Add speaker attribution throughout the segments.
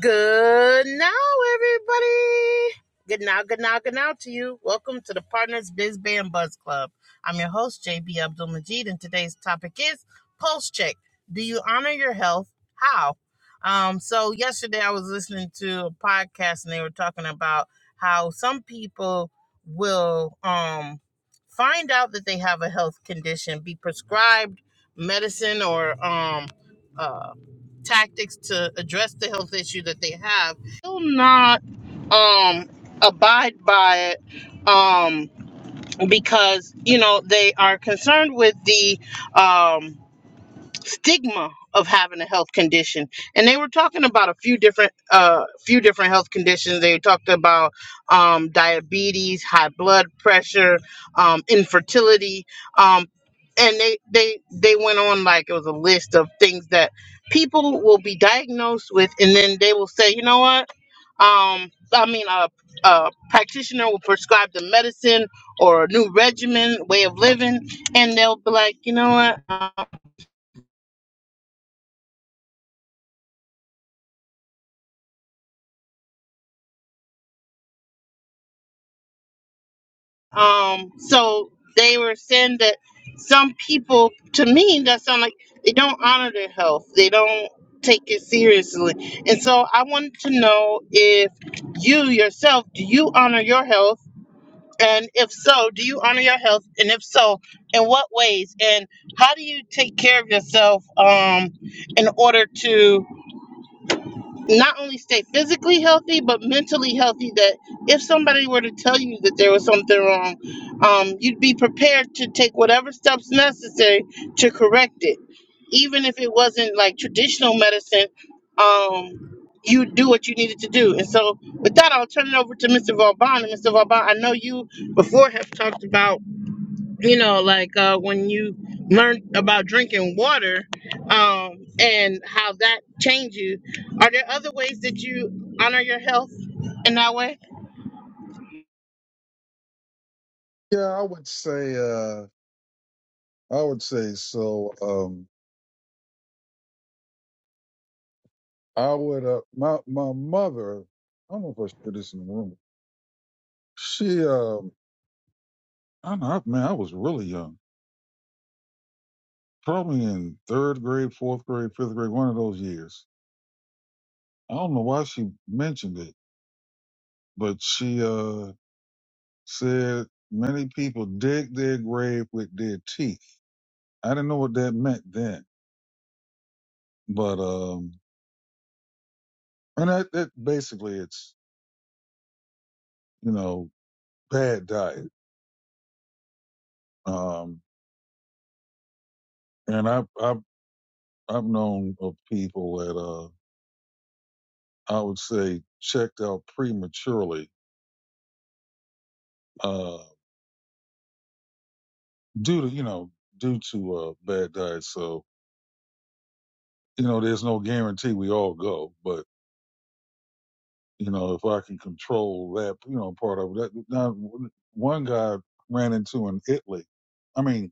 Speaker 1: Good now, everybody. Good now, good now, good now to you. Welcome to the Partners Biz Band Buzz Club. I'm your host, JB Abdul Majid, and today's topic is Pulse Check. Do you honor your health? How? Um, so, yesterday I was listening to a podcast and they were talking about how some people will um, find out that they have a health condition, be prescribed medicine or um, uh tactics to address the health issue that they have Will not um abide by it um because you know they are concerned with the um stigma of having a health condition and they were talking about a few different uh few different health conditions they talked about um diabetes high blood pressure um infertility um and they they they went on like it was a list of things that people will be diagnosed with and then they will say you know what um i mean a, a practitioner will prescribe the medicine or a new regimen way of living and they'll be like you know what Um, so they were saying that some people, to me, that sound like they don't honor their health. They don't take it seriously. And so I wanted to know if you yourself, do you honor your health? And if so, do you honor your health? And if so, in what ways? And how do you take care of yourself um, in order to not only stay physically healthy but mentally healthy that if somebody were to tell you that there was something wrong um, you'd be prepared to take whatever steps necessary to correct it even if it wasn't like traditional medicine um, you do what you needed to do and so with that i'll turn it over to mr vauban and mr vauban i know you before have talked about you know like uh, when you learn about drinking water um, and how that changed you are there other ways that you honor your health in that way
Speaker 2: Yeah, I would say uh I would say so. Um I would uh my my mother, I don't know if I should put this in the room. She um I don't know, I- man, I was really young. Probably in third grade, fourth grade, fifth grade, one of those years. I don't know why she mentioned it, but she uh said many people dig their grave with their teeth. I didn't know what that meant then. But um and that, that basically it's, you know, bad diet. Um And I've I've I've known of people that uh I would say checked out prematurely, uh due to you know, due to uh bad diet. So, you know, there's no guarantee we all go, but you know, if I can control that, you know, part of that now one guy I ran into in Italy. I mean,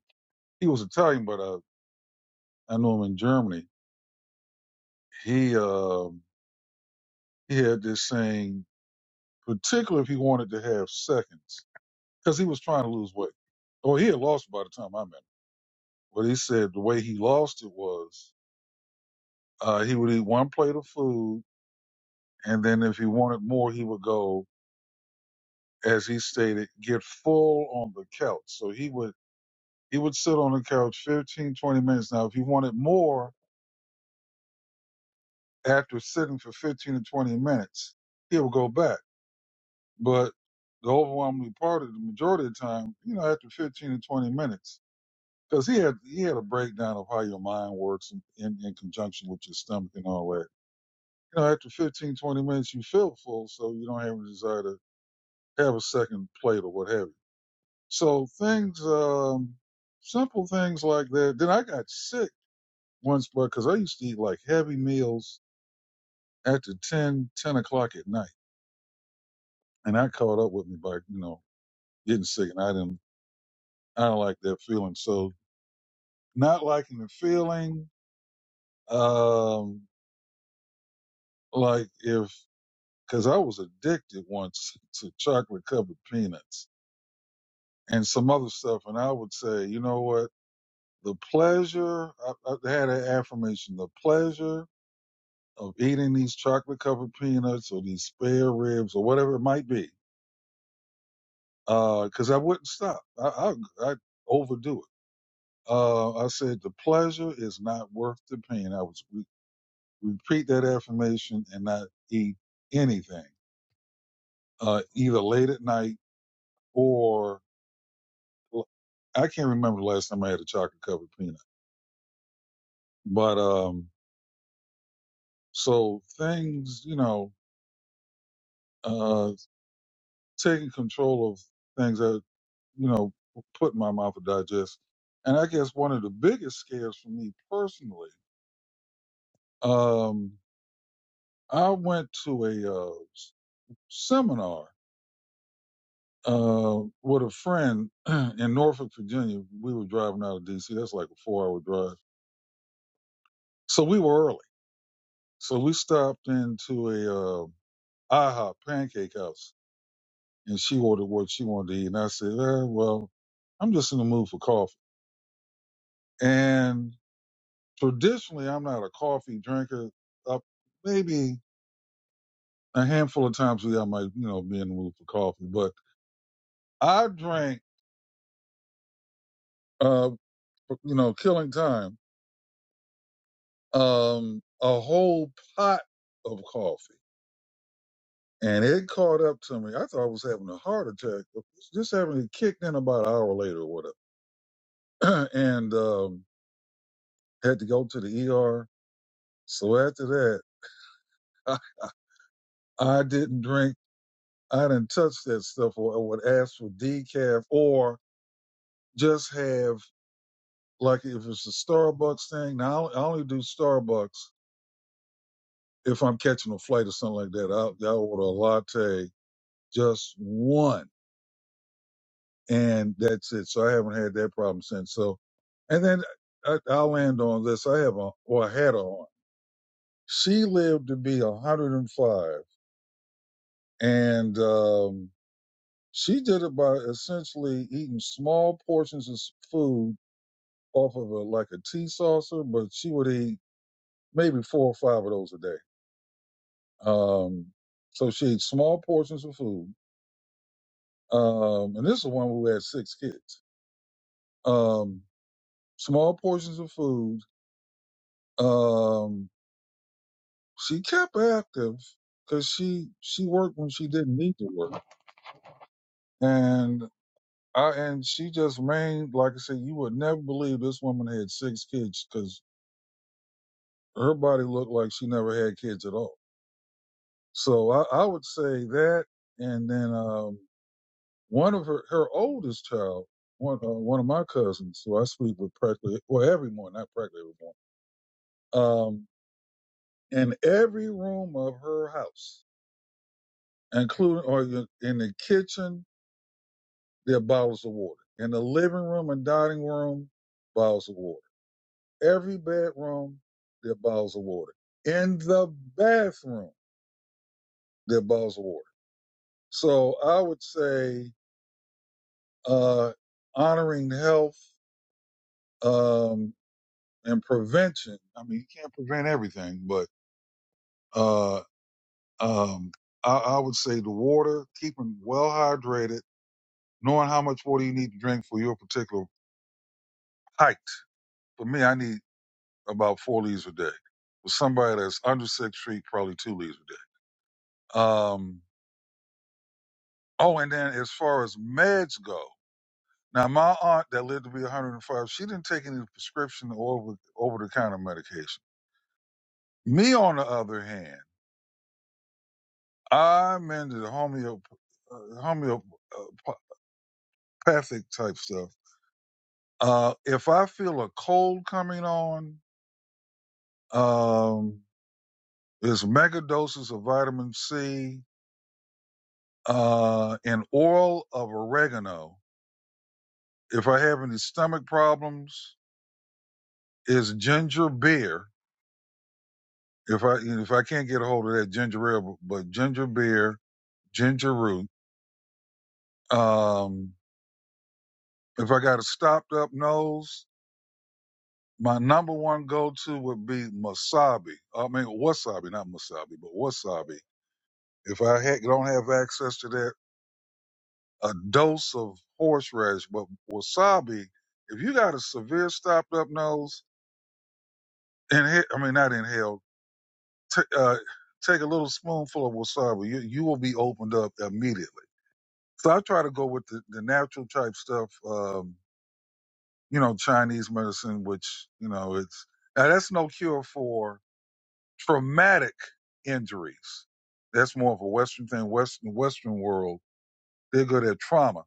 Speaker 2: he was Italian but uh I knew him in Germany. He um he had this saying, particularly if he wanted to have seconds. because he was trying to lose weight. Well, he had lost by the time I met him. But he said the way he lost it was uh, he would eat one plate of food, and then if he wanted more, he would go, as he stated, get full on the couch. So he would he would sit on the couch 15, 20 minutes. Now, if he wanted more after sitting for 15 to 20 minutes, he would go back. But the overwhelming part of the majority of the time, you know, after 15 to 20 minutes, because he had he had a breakdown of how your mind works in, in, in conjunction with your stomach and all that. You know, after 15 20 minutes, you feel full, so you don't have a desire to have a second plate or what have you. So things, um, simple things like that. Then I got sick once, but because I used to eat like heavy meals after 10 10 o'clock at night, and that caught up with me by you know getting sick, and I didn't I don't like that feeling. So not liking the feeling, um, like if because I was addicted once to chocolate covered peanuts and some other stuff. And I would say, you know what? The pleasure, I, I had an affirmation, the pleasure of eating these chocolate covered peanuts or these spare ribs or whatever it might be, because I wouldn't stop. I, I, I'd overdo it. Uh, I said, the pleasure is not worth the pain. I was re- repeat that affirmation and not eat anything, uh, either late at night or. Well, I can't remember the last time I had a chocolate covered peanut. But um, so things, you know, uh, taking control of things that you know put in my mouth to digest, and I guess one of the biggest scares for me personally, um, I went to a uh, seminar uh, with a friend in Norfolk, Virginia. We were driving out of D.C. That's like a four-hour drive, so we were early. So we stopped into a uh, IHOP Pancake House, and she ordered what she wanted to eat. And I said, eh, well, I'm just in the mood for coffee. And traditionally, I'm not a coffee drinker. Up maybe a handful of times a year, I might, you know, be in the mood for coffee. But I drank, uh, you know, killing time, um, a whole pot of coffee. And it caught up to me. I thought I was having a heart attack. but Just having it kicked in about an hour later or whatever. and um, had to go to the ER So after that, I I, I didn't drink. I didn't touch that stuff, or I would ask for decaf, or just have like if it's a Starbucks thing. Now I only do Starbucks if I'm catching a flight or something like that. I'll, I'll order a latte, just one, and that's it. So I haven't had that problem since. So, and then I, I'll land on this. I have a or I had a aunt. She lived to be 105, and five, and um, She did it by essentially eating small portions of s- food off of a like a tea saucer, but she would eat maybe four or five of those a day. Um, so she ate small portions of food. Um, and this is one who had six kids. Um, small portions of food. Um, she kept active because she she worked when she didn't need to work, and I and she just remained like I said. You would never believe this woman had six kids because her body looked like she never had kids at all. So I, I would say that, and then um, one of her her oldest child, one uh, one of my cousins, who I sleep with practically well every morning, not practically every morning, um, in every room of her house, including or in the kitchen, there are bottles of water. In the living room and dining room, bottles of water. Every bedroom, there are bottles of water. In the bathroom, there are bottles of water So I would say uh, honoring health um, and prevention. I mean, you can't prevent everything, but uh, um, I, I would say the water, keeping well hydrated, knowing how much water you need to drink for your particular height. For me, I need about four liters a day. For somebody that's under six feet, probably two liters a day. Um, oh, and then as far as meds go, Now, my aunt that lived to be 105, she didn't take any prescription or over, the counter medication. Me, on the other hand, I'm into homeop- uh, homeopathic type stuff. Uh, if I feel a cold coming on, um, there's mega doses of vitamin C uh, and oil of oregano. If I have any stomach problems, is ginger beer. If I if I can't get a hold of that ginger ale, but ginger beer ginger root. Um, if I got a stopped up nose, my number one go to would be wasabi. I mean wasabi, not wasabi, but wasabi. If I ha- don't have access to that, a dose of horseradish, but wasabi. If you got a severe stopped up nose, inhale. I mean not inhale. T- uh, take a little spoonful of wasabi. You you will be opened up immediately. So I try to go with the, the natural type stuff. Um, you know, Chinese medicine, which, you know, it's, now that's no cure for traumatic injuries. That's more of a Western thing. Western, Western world, they're good at trauma.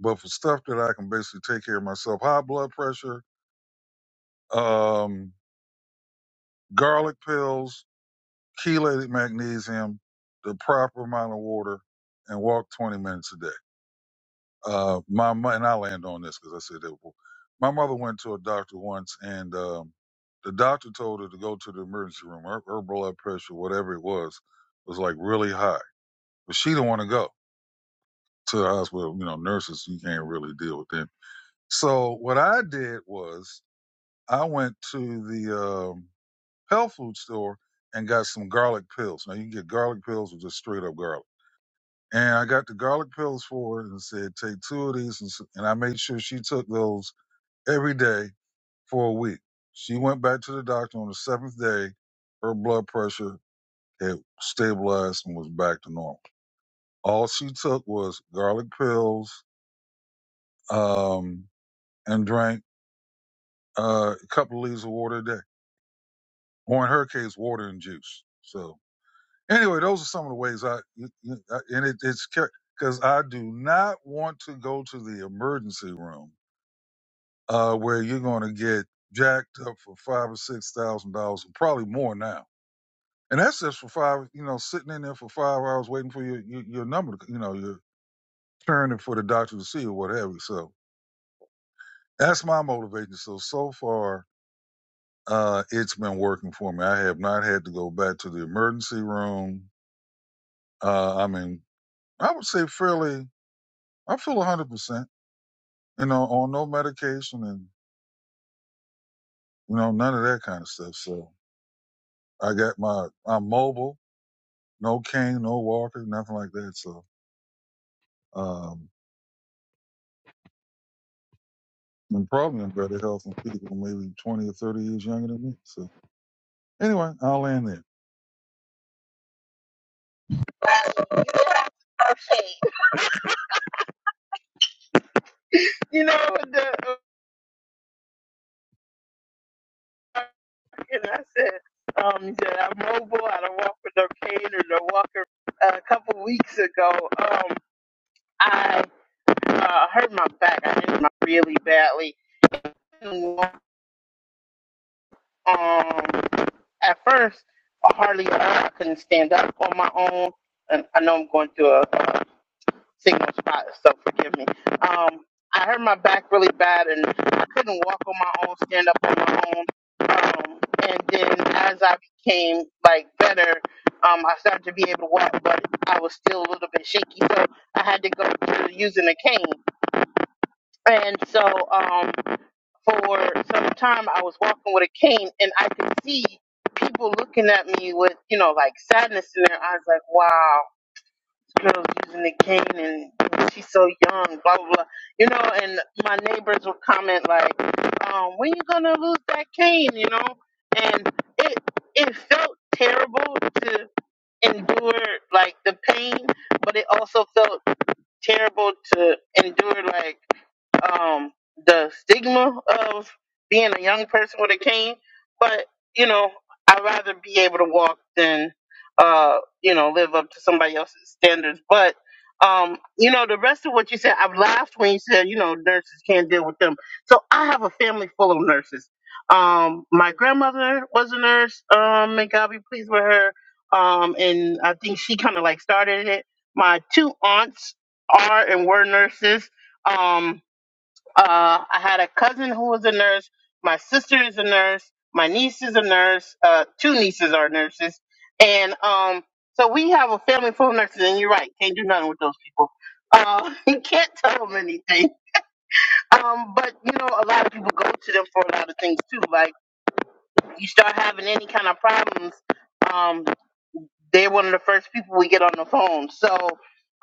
Speaker 2: But for stuff that I can basically take care of myself, high blood pressure, um, garlic pills, chelated magnesium, the proper amount of water, and walk 20 minutes a day Uh, my mo- and I land on this because I said that. before. My mother went to a doctor once, and um, the doctor told her to go to the emergency room. Her, her blood pressure, whatever it was, was like really high, but she didn't want to go to the hospital. You know, nurses you can't really deal with them. So what I did was I went to the um, health food store and got some garlic pills. Now you can get garlic pills with just straight up garlic. And I got the garlic pills for her and said, take two of these. And, s- and I made sure she took those every day for a week. She went back to the doctor on the seventh day. Her blood pressure had stabilized and was back to normal. All she took was garlic pills um, and drank uh, a couple of leaves of water a day, or in her case, water and juice. So anyway, those are some of the ways I you- you- I- and it, it's because I do not want to go to the emergency room uh, where you're going to get jacked up for five or six thousand dollars, and probably more now and that's just for five, you know, sitting in there for five hours waiting for your your, your number, to, you know, your turn for the doctor to see or what have you. So that's my motivation. So so far, uh, it's been working for me. I have not had to go back to the emergency room. Uh, I mean, I would say fairly. I feel one hundred percent. You know, on no medication and you know none of that kind of stuff. So I got my I'm mobile, no cane, no walker, nothing like that. So. Um, and probably in better health and people maybe 20 or 30 years younger than me. So anyway, I'll land there.
Speaker 1: you know the, uh, and i said um, he said i'm mobile i don't walk with no cane or no walker uh, a couple weeks ago um, i uh, hurt my back i hurt my really badly Couldn't walk Um, at first, I hardly, I couldn't stand up on my own. And I know I'm going through a, a signal spot, so forgive me. Um, I hurt my back really bad, and I couldn't walk on my own, stand up on my own. Um, and then as I became like better, um, I started to be able to walk, but I was still a little bit shaky, so I had to go to using a cane. And so, um, for some time I was walking with a cane and I could see people looking at me with, you know, like sadness in their eyes, like, wow, this girl's using the cane and she's so young, blah, blah, blah. You know, and my neighbors would comment like, um, when you gonna lose that cane, you know? And it it felt terrible to endure like the pain, but it also felt terrible to endure like um, the stigma of being a young person with a cane, but you know, I'd rather be able to walk than uh, you know, live up to somebody else's standards. But um, you know, the rest of what you said, I've laughed when you said, you know, nurses can't deal with them. So I have a family full of nurses. Um, my grandmother was a nurse, um, and God be pleased with her. Um, and I think she kind of like started it. My two aunts are and were nurses. Um, uh, I had a cousin who was a nurse. My sister is a nurse. My niece is a nurse. Uh, two nieces are nurses. And um, so we have a family full of nurses. And you're right, can't do nothing with those people. Uh, you can't tell them anything. Um, but you know, a lot of people go to them for a lot of things too. Like you start having any kind of problems. Um, they're one of the first people we get on the phone. So,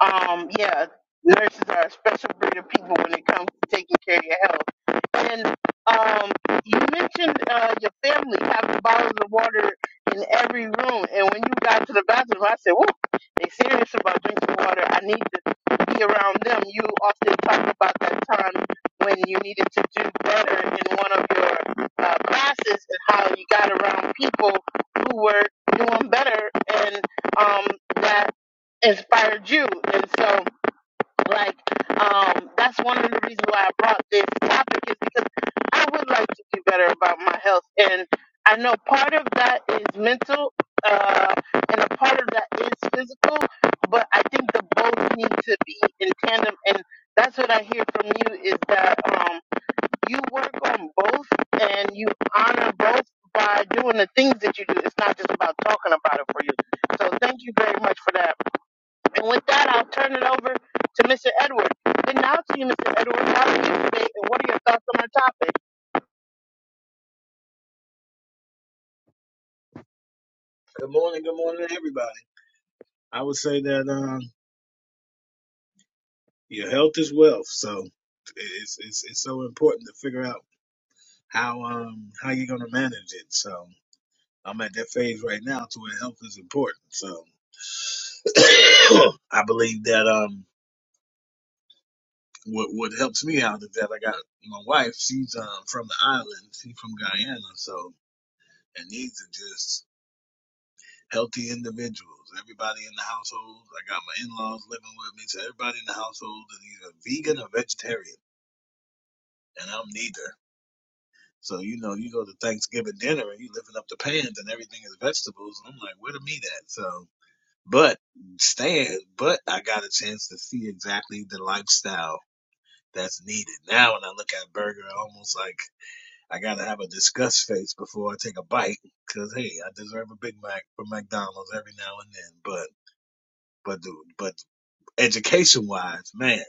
Speaker 1: um, yeah, nurses are a special breed of people when it comes to taking care of your health. And um, you mentioned uh, your family having bottles of water in every room. And when you got to the bathroom, I said, "Whoa, they serious about drinking water. I need to be around them." You often talk about that time when you needed to do better in one of your uh, classes and how you got around people who were doing better and um, that inspired you. And so, like, um, that's one of the reasons why I brought this topic is because I would like to do better about my health. And I know part of that is mental, uh, and a part of that is physical, but I think the both need to be in tandem. And that's what I hear from you is that. um, you work on both and you honor both by doing the things that you do. It's not just about talking about it for you. So thank you very much for that. And with that, I'll turn it over to Mr. Edward. And now to you, Mr. Edward, how are you today and what are your thoughts on our topic?
Speaker 3: Good morning, good morning, to everybody. I would say that um, your health is wealth, so it's it's it's so important to figure out how um how you're gonna manage it. So I'm at that phase right now to where health is important. So I believe that um what what helps me out is that I got my wife. She's um from the island. She's from Guyana. So and these are just healthy individuals. Everybody in the household. I got my in-laws living with me. So everybody in the household is either vegan or vegetarian. and I'm neither. So you know, you go to Thanksgiving dinner and you are lifting up the pans and everything is vegetables. And I'm like, where the meat at? So, but stand, but I got a chance to see exactly the lifestyle that's needed. Now, when I look at burger, I almost like I gotta have a disgust face before I take a bite, cause hey, I deserve a Big Mac from McDonald's every now and then. But but but education wise, man,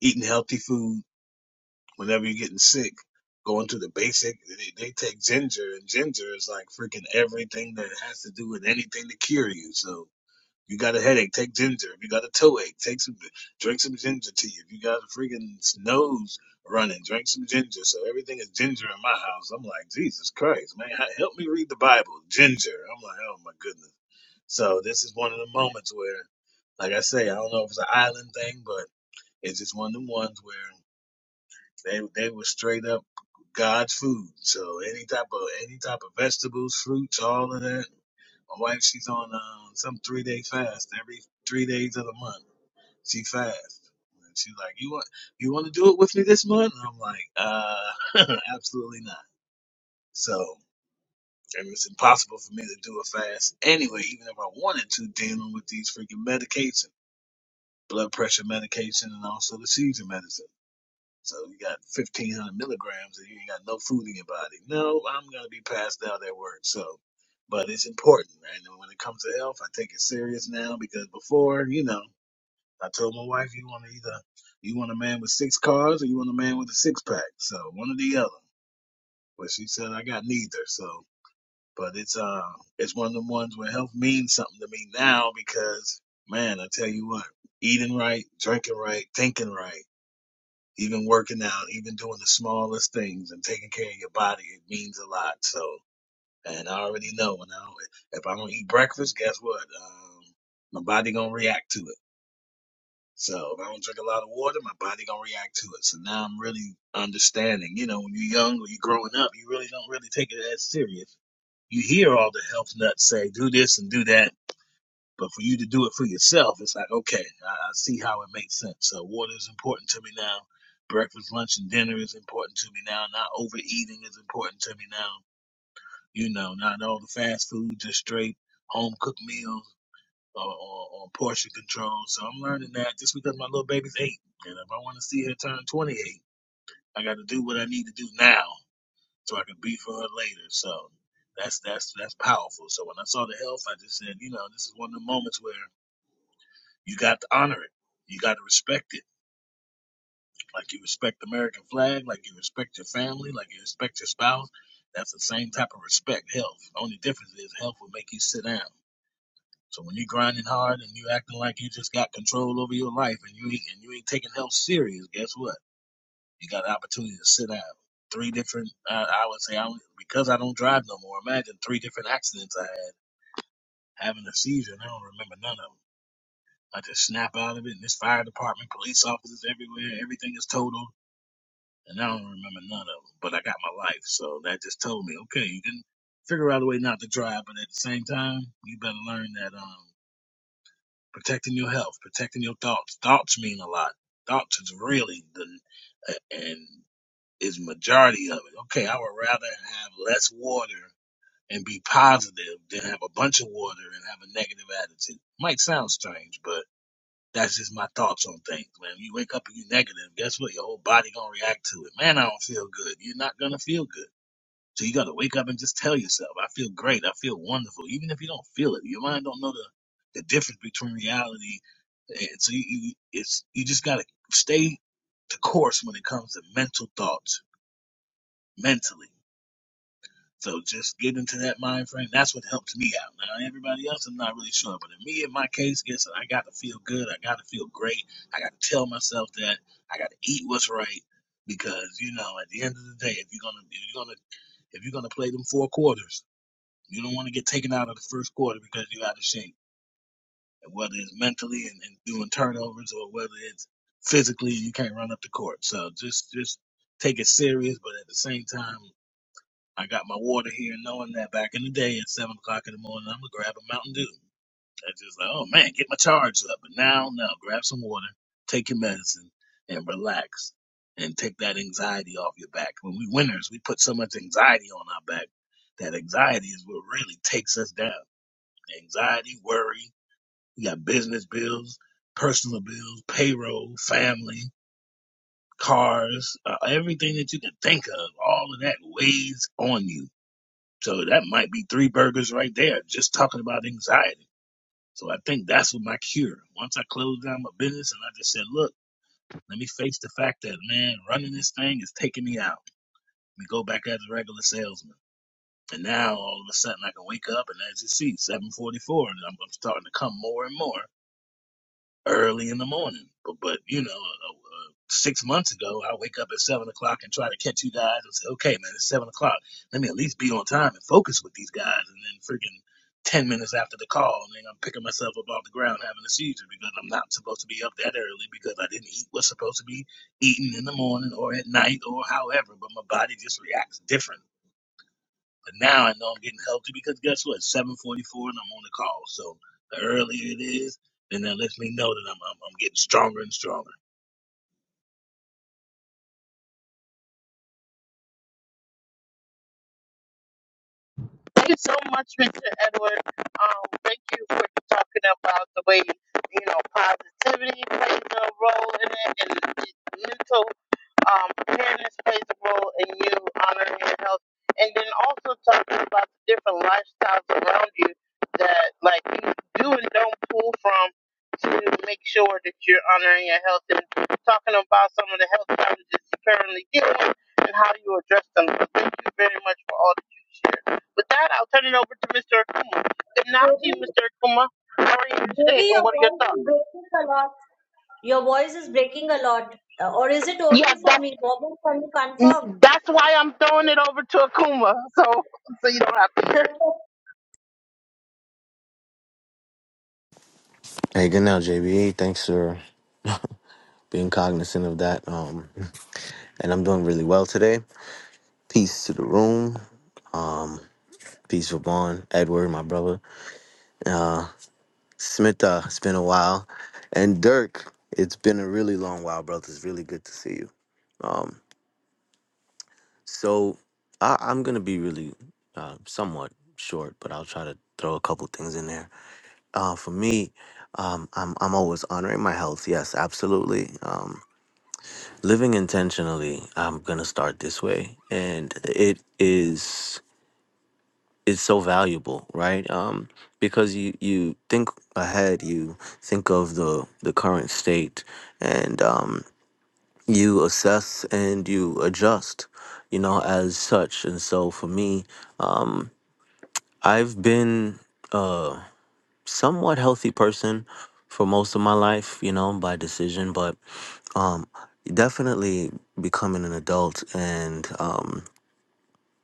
Speaker 3: eating healthy food Whenever you're getting sick, going to the basic, they, they take ginger, and ginger is like freaking everything that has to do with anything to cure you. So you got a headache, take ginger. If you got a toe ache, take some, drink some ginger tea. If you got a freaking nose running, drink some ginger. So everything is ginger in my house. I'm like, Jesus Christ, man, h- help me read the Bible, ginger. I'm like, oh my goodness. So this is one of the moments where, like I say, I don't know if it's an island thing, but it's just one of the ones where. They they were straight up God's food. So any type of any type of vegetables, fruits, all of that. My wife, she's on um, some three day fast every three days of the month. She fasts. And she's like, you want you want to do it with me this month? And I'm like, uh, absolutely not. So and it's impossible for me to do a fast anyway, even if I wanted to, dealing with these freaking medications, blood pressure medication, and also the seizure medicine. So you got 1500 milligrams and you ain't got no food in your body. No, I'm going to be passed out at work. So, but it's important. And when it comes to health, I take it serious now because before, you know, I told my wife, you want to either, you want a man with six cars or you want a man with a six pack. So one or the other. But she said, I got neither. So, but it's, uh, it's one of the ones where health means something to me now because man, I tell you what, eating right, drinking right, thinking right even working out, even doing the smallest things and taking care of your body, it means a lot. So, and I already know when I don't, if I don't eat breakfast, guess what? Um, my body gonna react to it. So if I don't drink a lot of water, my body gonna react to it. So now I'm really understanding. You know, when you're young or you're growing up, you really don't really take it as serious. You hear all the health nuts say, "Do this and do that," But for you to do it for yourself, it's like, okay, I, I see how it makes sense. So water is important to me now. Breakfast, lunch, and dinner is important to me now. Not overeating is important to me now. You know, not all the fast food, just straight home cooked meals or, or, or portion control. So I'm learning that just because my little baby's eight. And if I want to see her turn 28, I got to do what I need to do now so I can be for her later. So that's that's that's powerful. So when I saw the health, I just said, you know, this is one of the moments where you got to honor it. You got to respect it. Like you respect the American flag, like you respect your family, like you respect your spouse. That's the same type of respect, health. The only difference is health will make you sit down. So when you're grinding hard and you acting like you just got control over your life and you ain't, and you ain't taking health serious, guess what? You got an opportunity to sit down. Three different, uh, I would say, I don't, because I don't drive no more, imagine three different accidents I had having a seizure and I don't remember none of them. I just snap out of it. And there's fire department, police officers everywhere. Everything is total, and I don't remember none of them. But I got my life, so that just told me, okay, you can figure out a way not to drive, but at the same time, you better learn that um, protecting your health, protecting your thoughts. Thoughts mean a lot. Thoughts is really the and is majority of it. Okay, I would rather have less water and be positive than have a bunch of water and have a negative attitude. Might sound strange, but that's just my thoughts on things, man. If You wake up and you're negative, guess what? Your whole body gonna react to it. Man, I don't feel good. You're not gonna feel good. So you gotta wake up and just tell yourself, I feel great, I feel wonderful. Even if you don't feel it, your mind don't know the, the difference between reality and so you, you it's you just gotta stay the course when it comes to mental thoughts mentally. So just get into that mind frame. That's what helps me out. Now everybody else, I'm not really sure, but in me, in my case, yes, I got to feel good. I got to feel great. I got to tell myself that. I got to eat what's right because you know, at the end of the day, if you're gonna, if you're gonna, if you're gonna play them four quarters, you don't want to get taken out of the first quarter because you're out of shape. And whether it's mentally and, and doing turnovers or whether it's physically, you can't run up the court. So just, just take it serious, but at the same time. I got my water here, knowing that back in the day at seven o'clock in the morning, I'm gonna grab a Mountain Dew. I just like, oh man, get my charge up. But now, no, grab some water, take your medicine, and relax, and take that anxiety off your back. When we winners, we put so much anxiety on our back. That anxiety is what really takes us down. Anxiety, worry. We got business bills, personal bills, payroll, family, cars, uh, everything that you can think of. All of that weighs on you so that might be three burgers right there, just talking about anxiety. So I think that's what my cure. Once I closed down my business and I just said, look, let me face the fact that, man, running this thing is taking me out. Let me go back as a regular salesman. And now all of a sudden I can wake up and as you see, 744, and I'm, I'm starting to come more and more. early in the morning. But, but you know, uh, uh, six months ago, I wake up at seven o'clock and try to catch you guys and say, okay, man, it's seven o'clock. Let me at least be on time and focus with these guys. And then freaking 10 minutes after the call, and then I'm picking myself up off the ground having a seizure because I'm not supposed to be up that early because I didn't eat what's supposed to be eaten in the morning or at night or however. But my body just reacts different but now I know I'm getting healthy because guess what? 744 and I'm on the call. So the earlier it is, then that lets me know that I'm, I'm, I'm getting stronger and stronger.
Speaker 1: Thank you so much, Mr. Edward. Um, thank you for talking about the way, you know, positivity plays a role in it and mental um, preparedness plays a role in you honoring your health, and then also talking about the different lifestyles around you that like you do and don't pull from to make sure that you're honoring your health and talking about some of the health challenges you currently deal with and how you address them. So thank you very much for all that you shared. With that, I'll turn it over to Mr. Akuma. Good now
Speaker 4: Ruby,
Speaker 1: to you, Mr. Akuma. How are you
Speaker 4: Ruby,
Speaker 1: today,
Speaker 4: your
Speaker 1: and what are your
Speaker 4: voice
Speaker 1: thoughts?
Speaker 4: is breaking a lot. Your voice is breaking a lot. Uh, or is it only
Speaker 1: Yes,
Speaker 4: for
Speaker 1: that's
Speaker 4: me? Bobby, can you confirm?
Speaker 1: That's why I'm throwing it over to Akuma, so so you don't have to hear it.
Speaker 5: Hey, good now, JBA. Thanks for being cognizant of that. Um, and I'm doing really well today. Peace to the room. Um, peace for Vaughn, Edward, my brother. Uh, Smita, it's been a while. And Dirk, it's been a really long while, brother. It's really good to see you. Um, so I, I'm going to be really uh, somewhat short, but I'll try to throw a couple things in there. Uh, for me, um, I'm, I'm always honoring my health. Yes, absolutely. Um, living intentionally i'm gonna start this way and it is it's so valuable right um because you you think ahead you think of the the current state and um you assess and you adjust you know as such and so for me um i've been uh somewhat healthy person for most of my life, you know, by decision, but um, definitely becoming an adult and um,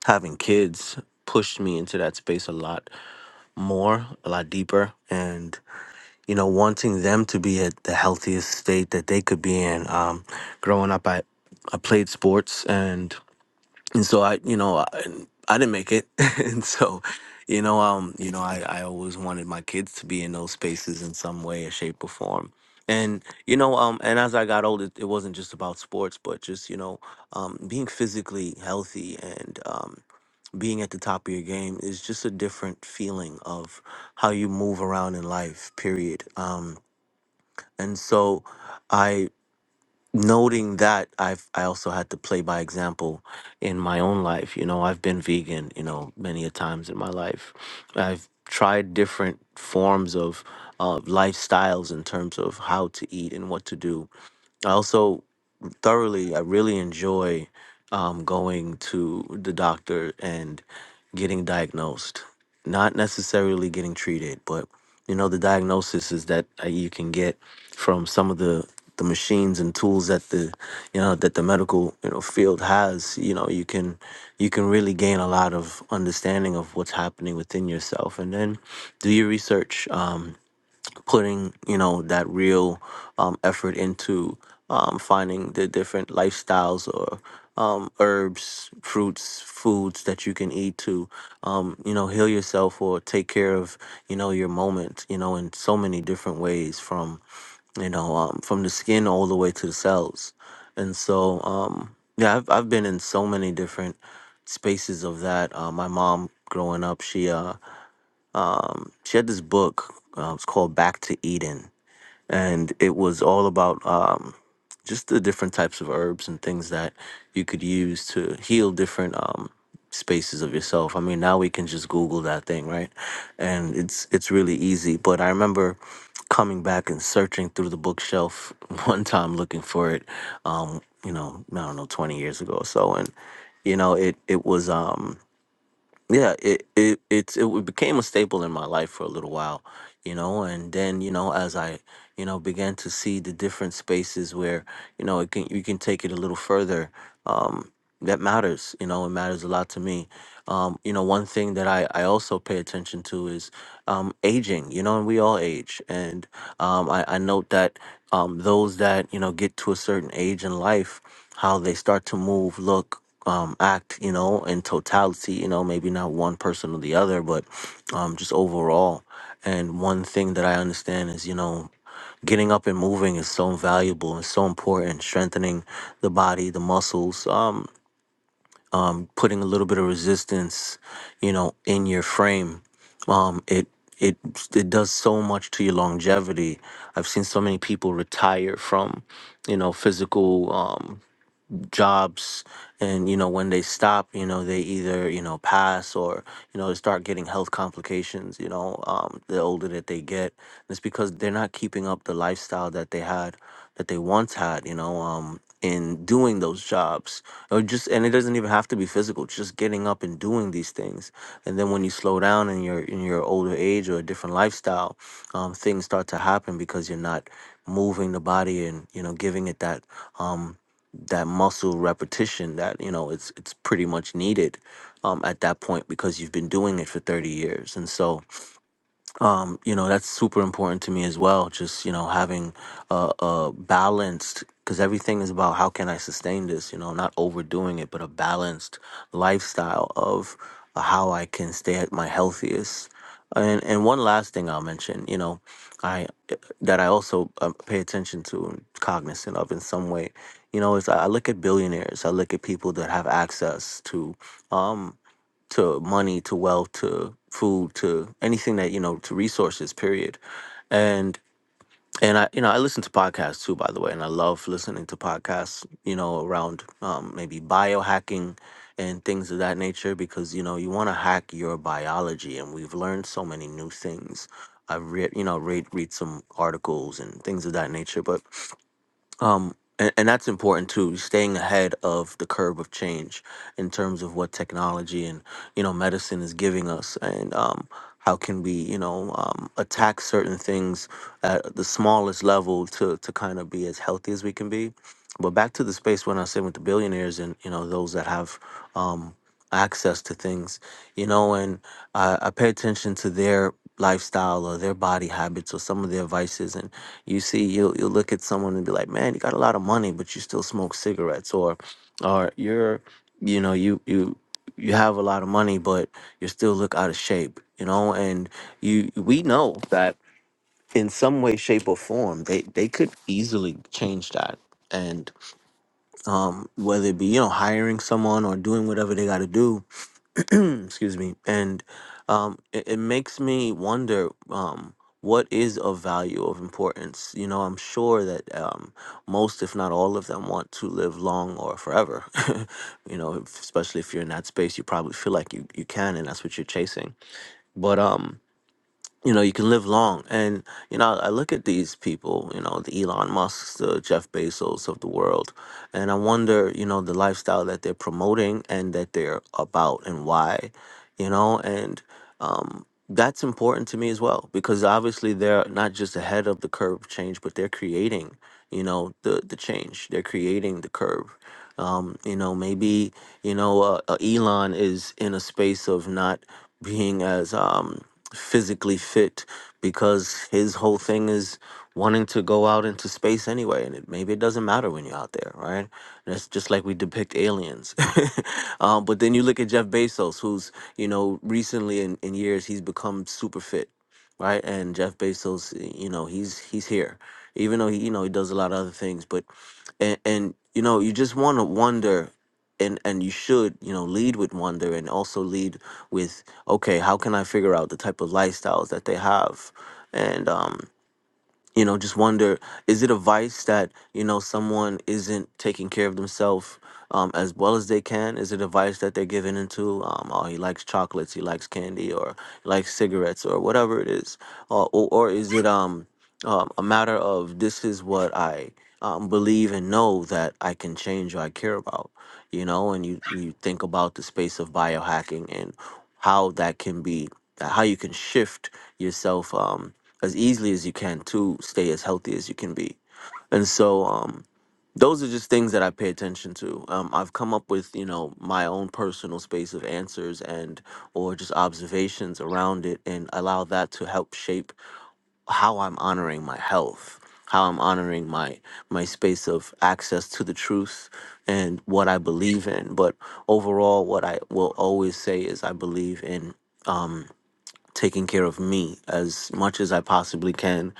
Speaker 5: having kids pushed me into that space a lot more, a lot deeper, and you know, wanting them to be at the healthiest state that they could be in. Um, growing up, I I played sports and and so I, you know, I, I didn't make it, and so, you know, um, you know, I, I always wanted my kids to be in those spaces in some way or shape or form, and you know, um, and as I got older, it wasn't just about sports, but just you know, um, being physically healthy and um, being at the top of your game is just a different feeling of how you move around in life. Period. Um, and so, noting that i've i also had to play by example in my own life you know i've been vegan you know many a times in my life i've tried different forms of uh, lifestyles in terms of how to eat and what to do i also thoroughly. I really enjoy um, going to the doctor and getting diagnosed, not necessarily getting treated, but you know the diagnosis is that uh, you can get from some of the the machines and tools that the you know that the medical you know field has you know you can you can really gain a lot of understanding of what's happening within yourself and then do your research putting you know that real um, effort into um, finding the different lifestyles or um, herbs, fruits, foods that you can eat to um, you know heal yourself or take care of you know your moment you know in so many different ways from you know um, from the skin all the way to the cells, and so um, yeah I've I've been in so many different spaces of that. Uh, my mom growing up she uh, she had this book uh, it's called Back to Eden and it was all about um, just the different types of herbs and things that you could use to heal different um, spaces of yourself. I mean, now we can just Google that thing, right? And it's it's really easy. But I remember coming back and searching through the bookshelf one time looking for it. Um, you know, I don't know, twenty years ago or so, and you know, it it was. Um, yeah it it it's it became a staple in my life for a little while you know and then you know as i you know began to see the different spaces where you know it can you can take it a little further Um, that matters you know it matters a lot to me um you know one thing that i i also pay attention to is um aging you know and we all age and um i i note that um those that you know get to a certain age in life how they start to move look um act you know in totality you know maybe not one person or the other but um just overall and one thing that i understand is you know getting up and moving is so valuable and so important strengthening the body the muscles um um, putting a little bit of resistance, you know, in your frame, um, it it it does so much to your longevity. I've seen so many people retire from, you know, physical. Um, jobs and you know when they stop you know they either you know pass or you know start getting health complications you know um, the older that they get it's because they're not keeping up the lifestyle that they had that they once had you know um, in doing those jobs or just and it doesn't even have to be physical just getting up and doing these things and then when you slow down in your in your older age or a different lifestyle um, things start to happen because you're not moving the body and you know giving it that um that muscle repetition that you know it's it's pretty much needed um, at that point because you've been doing it for 30 years and so um, you know that's super important to me as well just you know having a, a balanced because everything is about how can i sustain this you know not overdoing it but a balanced lifestyle of uh, how i can stay at my healthiest and and one last thing i'll mention you know i eh, that i also um, pay attention to and cognizant of in some way you know is i I look at billionaires i look at people that have access to um to money to wealth to food to anything that you know to resources period and and i you know i listen to podcasts too by the way and i love listening to podcasts you know around um, maybe biohacking and things of that nature because you know you want to hack your biology and we've learned so many new things i've read you know read read some articles and things of that nature but um, and, and that's important too, staying ahead of the curve of change in terms of what technology and, you know, medicine is giving us and um, how can we, you know, um, attack certain things at the smallest level to, to kind of be as healthy as we can be. But back to the space when I said with the billionaires and, you know, those that have um, access to things, you know, and I, I pay attention to their lifestyle or their body habits or some of their vices. And you see, you'll you'll look at someone and be like, "Man, you got a lot of money, but you still smoke cigarettes," or, "Or you're, you know, you you you have a lot of money, but you still look out of shape," you know. And you we know that in some way, shape, or form, they they could easily change that. And um, whether it be you know hiring someone or doing whatever they got to do, excuse me and um it, it makes me wonder um what is of value of importance you know i'm sure that um most if not all of them want to live long or forever you know if- especially if you're in that space you probably feel like you, you can and that's what you're chasing but um you know you can live long and you know i look at these people you know the elon musks the jeff bezos of the world and i wonder you know the lifestyle that they're promoting and that they're about and why you know and um, that's important to me as well because obviously they're not just ahead of the curve change but they're creating you know the the change they're creating the curve um, you know maybe you know uh, uh, elon is in a space of not being as um, physically fit because his whole thing is wanting to go out into space anyway and it, maybe it doesn't matter when you're out there right and that's just like we depict aliens um, but then you look at jeff bezos who's you know recently in, in years he's become super fit right and jeff bezos you know he's he's here even though he you know he does a lot of other things but and and you know you just want to wonder and and you should you know lead with wonder and also lead with okay how can i figure out the type of lifestyles that they have and um you know just wonder is it a vice that you know someone isn't taking care of themselves um, as well as they can is it a vice that they're giving into um, oh he likes chocolates he likes candy or he likes cigarettes or whatever it is uh, or, or is it um, um, a matter of this is what i um, believe and know that i can change or i care about you know and you, you think about the space of biohacking and how that can be how you can shift yourself um, as easily as you can to stay as healthy as you can be. And so um those are just things that I pay attention to. Um, I've come up with, you know, my own personal space of answers and or just observations around it, and allow that to help shape how I'm honoring my health, how I'm honoring my my space of access to the truth and what I believe in. But overall, what I will always say is I believe in. Um, taking care of me as much as I possibly can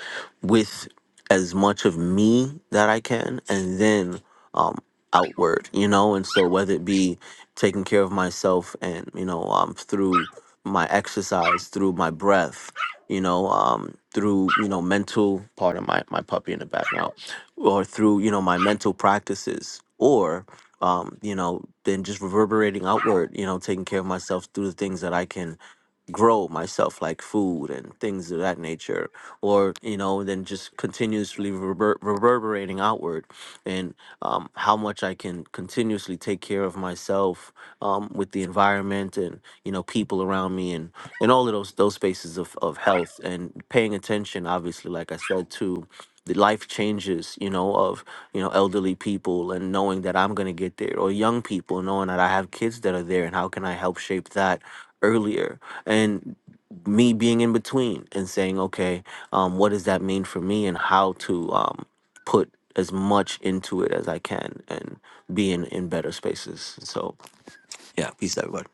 Speaker 5: with as much of me that I can and then um outward, you know, and so whether it be taking care of myself and, you know, um through my exercise, through my breath, you know, um through, you know, mental part of my, my puppy in the background. Or through, you know, my mental practices or um, you know, then just reverberating outward, you know, taking care of myself through the things that I can grow myself like food and things of that nature or you know then just continuously rever- reverberating outward and um, how much i can continuously take care of myself um, with the environment and you know people around me and and all of those those spaces of, of health and paying attention obviously like i said to the life changes you know of you know elderly people and knowing that i'm going to get there or young people knowing that i have kids that are there and how can i help shape that earlier and me being in between and saying okay um, what does that mean for me and how to um, put as much into it as i can and be in, in better spaces so yeah peace everybody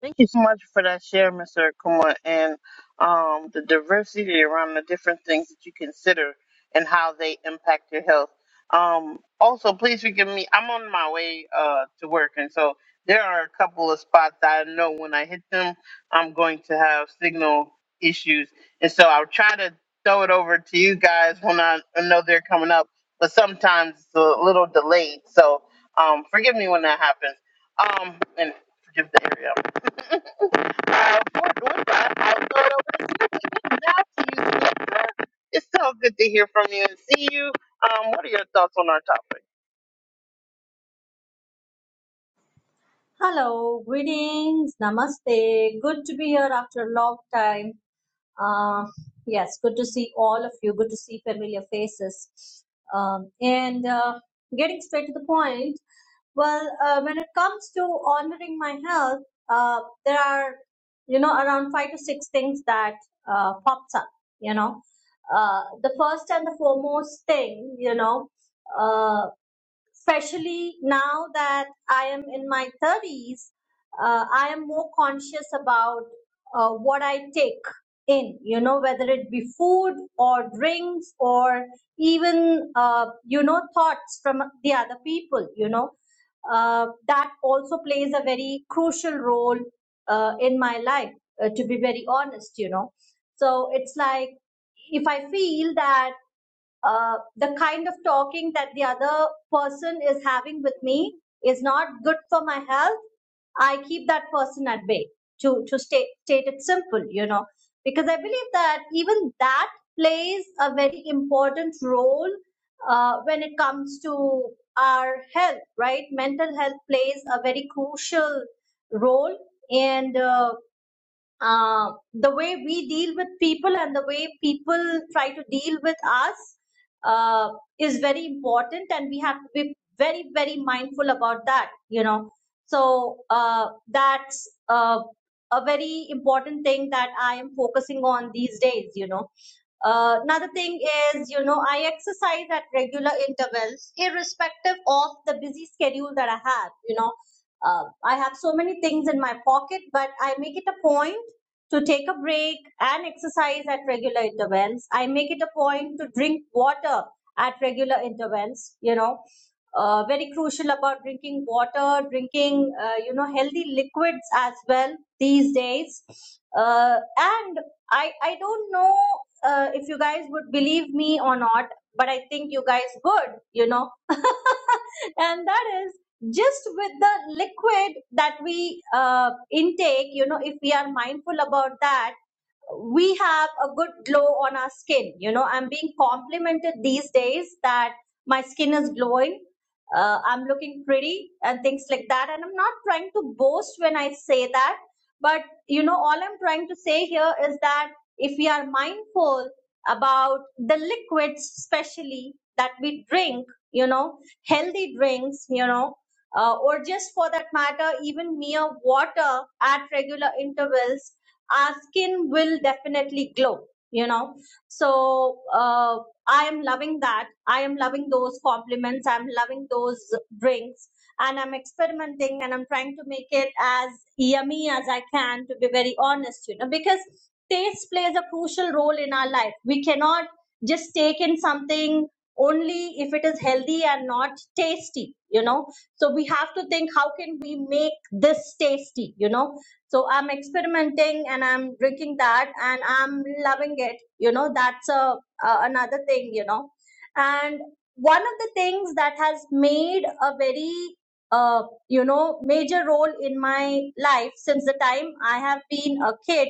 Speaker 1: Thank you so much for that share, Mr. Akuma, and um, the diversity around the different things that you consider and how they impact your health. Um, also, please forgive me. I'm on my way uh, to work, and so there are a couple of spots that I know when I hit them, I'm going to have signal issues. And so I'll try to throw it over to you guys when I I know they're coming up, but sometimes it's a little delayed. So um, forgive me when that happens. Um, and forgive the area uh, for doing that. I thought I would say good job to you, Samantha. It's so good to hear from you and see you. Um, what are your thoughts on our topic?
Speaker 4: Hello, greetings, namaste. Good to be here after a long time. Uh, yes, good to see all of you. Good to see familiar faces. Um, and uh, getting straight to the point, Well, uh, when it comes to honoring my health, uh, there are, you know, around five to six things that uh, pops up. You know, uh, the first and the foremost thing, you know, uh, especially now that I am in my 30s, uh, I am more conscious about uh, what I take in, you know, whether it be food or drinks or even, uh, you know, thoughts from the other people, you know. Uh, that also plays a very crucial role uh, in my life, uh, to be very honest, you know. So it's like if I feel that uh, the kind of talking that the other person is having with me is not good for my health i keep that person at bay to to state state it simple you know because i believe that even that plays a very important role uh, when it comes to our health right mental health plays a very crucial role and uh, uh, the way we deal with people and the way people try to deal with us uh, is very important and we have to be very very mindful about that you know so uh, that's uh, a very important thing that i am focusing on these days you know uh, another thing is you know i exercise at regular intervals irrespective of the busy schedule that i have you know uh, i have so many things in my pocket but i make it a point to take a break and exercise at regular intervals. I make it a point to drink water at regular intervals, you know. Uh, very crucial about drinking water, drinking, uh, you know, healthy liquids as well these days. Uh, and I, I don't know uh, if you guys would believe me or not, but I think you guys would, you know. and that is just with the liquid that we uh, intake you know if we are mindful about that we have a good glow on our skin you know i'm being complimented these days that my skin is glowing uh, i'm looking pretty and things like that and i'm not trying to boast when i say that but you know all i'm trying to say here is that if we are mindful about the liquids especially that we drink you know healthy drinks you know uh, or just for that matter, even mere water at regular intervals, our skin will definitely glow, you know. So, uh, I am loving that. I am loving those compliments. I'm loving those drinks. And I'm experimenting and I'm trying to make it as yummy as I can, to be very honest, you know, because taste plays a crucial role in our life. We cannot just take in something only if it is healthy and not tasty, you know so we have to think how can we make this tasty, you know? So I'm experimenting and I'm drinking that and I'm loving it. You know, that's a, a another thing, you know. And one of the things that has made a very uh, you know major role in my life since the time I have been a kid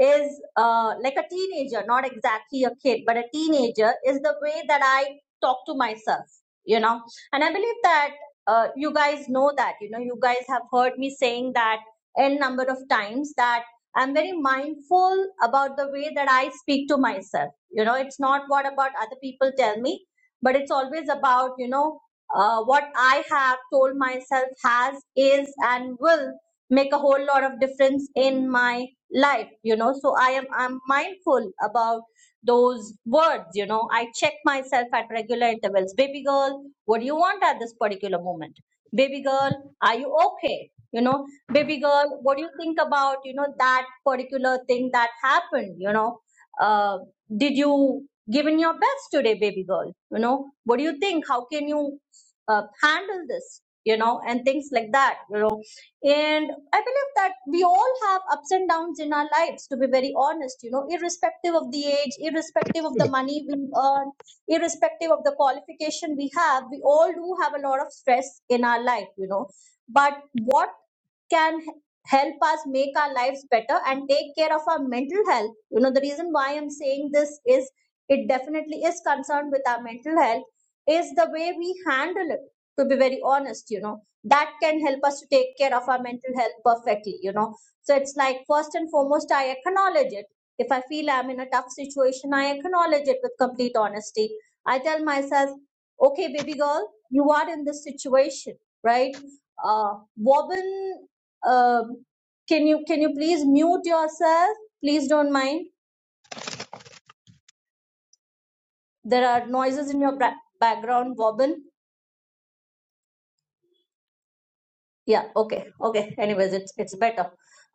Speaker 4: is uh, like a teenager, not exactly a kid, but a teenager is the way that I talk to myself, you know. And I believe that uh, you guys know that you know you guys have heard me saying that n number of times that i'm very mindful about the way that i speak to myself you know it's not what about other people tell me but it's always about you know uh, what i have told myself has is and will make a whole lot of difference in my life you know so i am i'm mindful about those words you know i check myself at regular intervals baby girl what do you want at this particular moment? Baby girl, are you okay? You know, baby girl, what do you think about, you know, that particular thing that happened? You know, uh, did you give in your best today, baby girl? You know, what do you think? How can you uh, handle this? You know, and things like that, you know. And I believe that we all have ups and downs in our lives, to be very honest, you know, irrespective of the age, irrespective of the money we earn, irrespective of the qualification we have we all do have a lot of stress in our life you know but what can h- help us make our lives better and take care of our mental health you know the reason why i'm saying this is it definitely is concerned with our mental health is the way we handle it to be very honest you know that can help us to take care of our mental health perfectly you know so it's like first and foremost i acknowledge it if i feel i'm in a tough situation i acknowledge it with complete honesty I tell myself, okay, baby girl, you are in this situation, right? Uh, Wobbin, um, can you can you please mute yourself? Please don't mind. There are noises in your bra- background, Wobbin. Yeah, okay, okay. Anyways, it's it's better.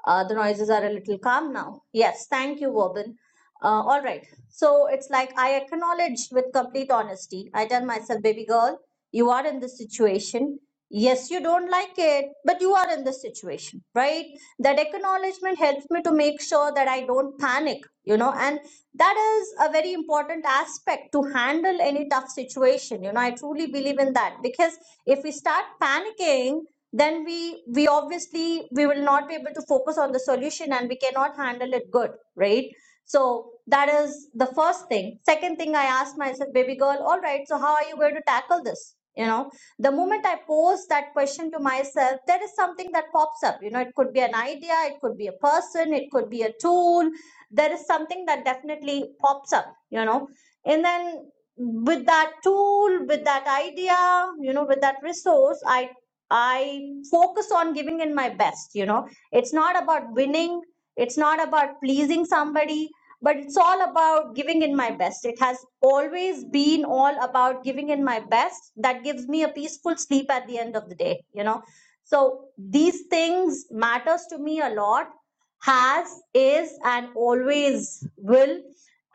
Speaker 4: Uh, the noises are a little calm now. Yes, thank you, Wobbin. Uh, all right. So it's like I acknowledge with complete honesty. I tell myself, baby girl, you are in this situation. Yes, you don't like it, but you are in this situation, right? That acknowledgement helps me to make sure that I don't panic, you know, and that is a very important aspect to handle any tough situation. You know, I truly believe in that because if we start panicking, then we we obviously we will not be able to focus on the solution and we cannot handle it good right so that is the first thing second thing i asked myself baby girl all right so how are you going to tackle this you know the moment i pose that question to myself there is something that pops up you know it could be an idea it could be a person it could be a tool there is something that definitely pops up you know and then with that tool with that idea you know with that resource i I focus on giving in my best, you know. It's not about winning, it's not about pleasing somebody, but it's all about giving in my best. It has always been all about giving in my best. That gives me a peaceful sleep at the end of the day, you know. So these things matters to me a lot has is and always will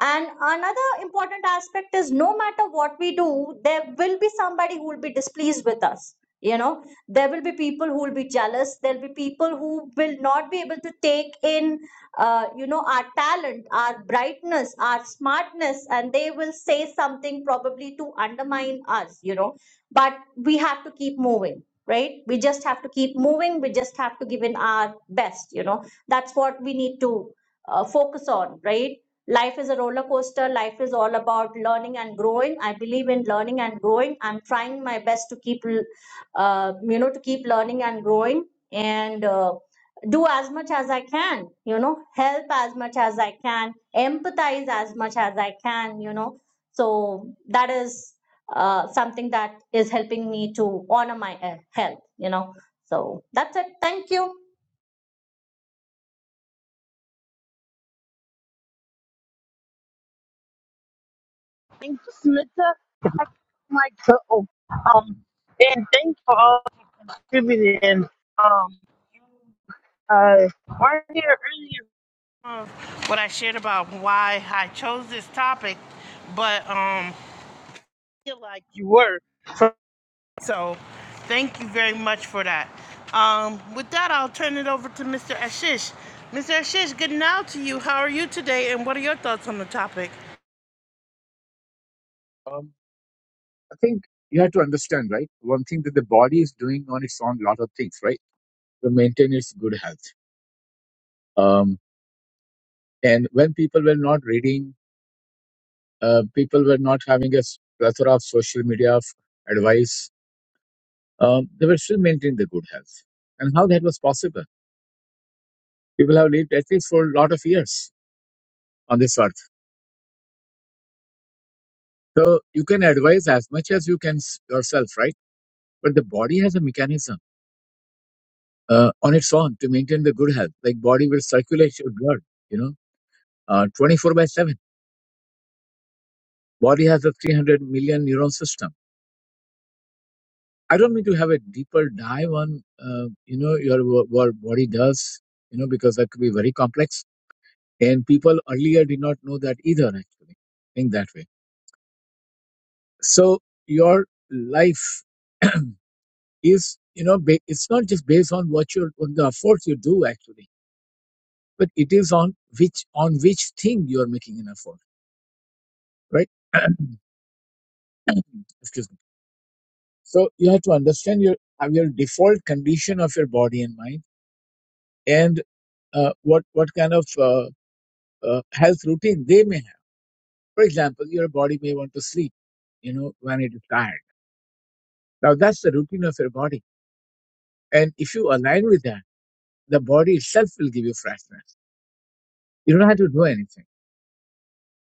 Speaker 4: and another important aspect is no matter what we do there will be somebody who will be displeased with us you know there will be people who will be jealous there'll be people who will not be able to take in uh, you know our talent our brightness our smartness and they will say something probably to undermine us you know but we have to keep moving right we just have to keep moving we just have to give in our best you know that's what we need to uh, focus on right life is a roller coaster life is all about learning and growing i believe in learning and growing i'm trying my best to keep l- uh, you know to keep learning and growing and uh, do as much as i can you know help as much as i can empathize as much as i can you know so that is uh, something that is helping me to honor my uh, health you know so that's it thank you
Speaker 1: Thank you, Samantha. My go. Um, and thanks for all contributing. Um, uh, right here earlier um, what I shared about why I chose this topic, but um, feel like you were. So, thank you very much for that. Um, with that, I'll turn it over to Mr. Ashish. Mr. Ashish, good now to you. How are you today, and what are your thoughts on the topic?
Speaker 6: Um, I think you have to understand, right? One thing that the body is doing on its own, lot of things, right, to maintain its good health. Um, and when people were not reading, uh, people were not having a s- plethora of social media of advice. Um, they were still maintaining the good health, and how that was possible. People have lived at least for a lot of years on this earth, so you can advise as much as you can s- yourself, right? But the body has a mechanism uh, on its own to maintain the good health. Like body will circulate your blood, you know uh, 24 by 7. Body has a 300 million neuron system. I don't mean to have a deeper dive on, uh, you know, your wo- what body does, you know, because that could be very complex. And people earlier did not know that either, actually. Think that way. So your life is, you know, ba- it's not just based on what you're, on the efforts you do, actually, but it is on which, on which thing you're making an effort, right? Excuse me. So you have to understand your, uh, your default condition of your body and mind and uh, what what kind of uh, uh, health routine they may have. For example, your body may want to sleep, you know, when it is tired. Now that's the routine of your body, and if you align with that, the body itself will give you freshness. You don't have to do anything.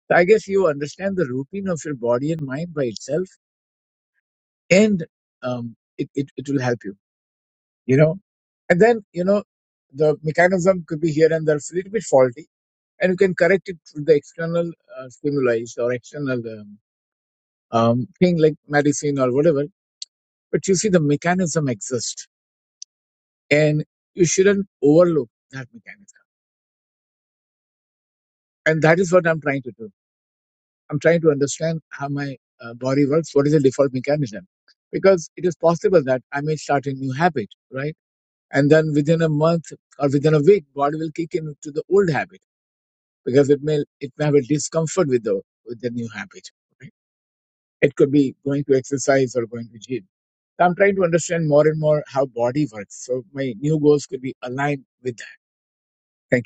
Speaker 6: So I guess you understand the routine of your body and mind by itself, and um, it, it it will help you. You know, and then you know the mechanism could be here and there a little bit faulty, and you can correct it through the external uh, stimuli or external. um, um, thing like medicine or whatever. But you see, the mechanism exists, and you shouldn't overlook that mechanism. And that is what I'm trying to do. I'm trying to understand how my uh, body works. What is the default mechanism? Because it is possible that I may start a new habit, right? And then within a month or within a week, body will kick into the old habit because it may it may have a discomfort with the with the new habit. Right? It could be going to exercise or going to gym. So, I'm trying to understand more and more how body works. So my new goals could be aligned with that. Thank you.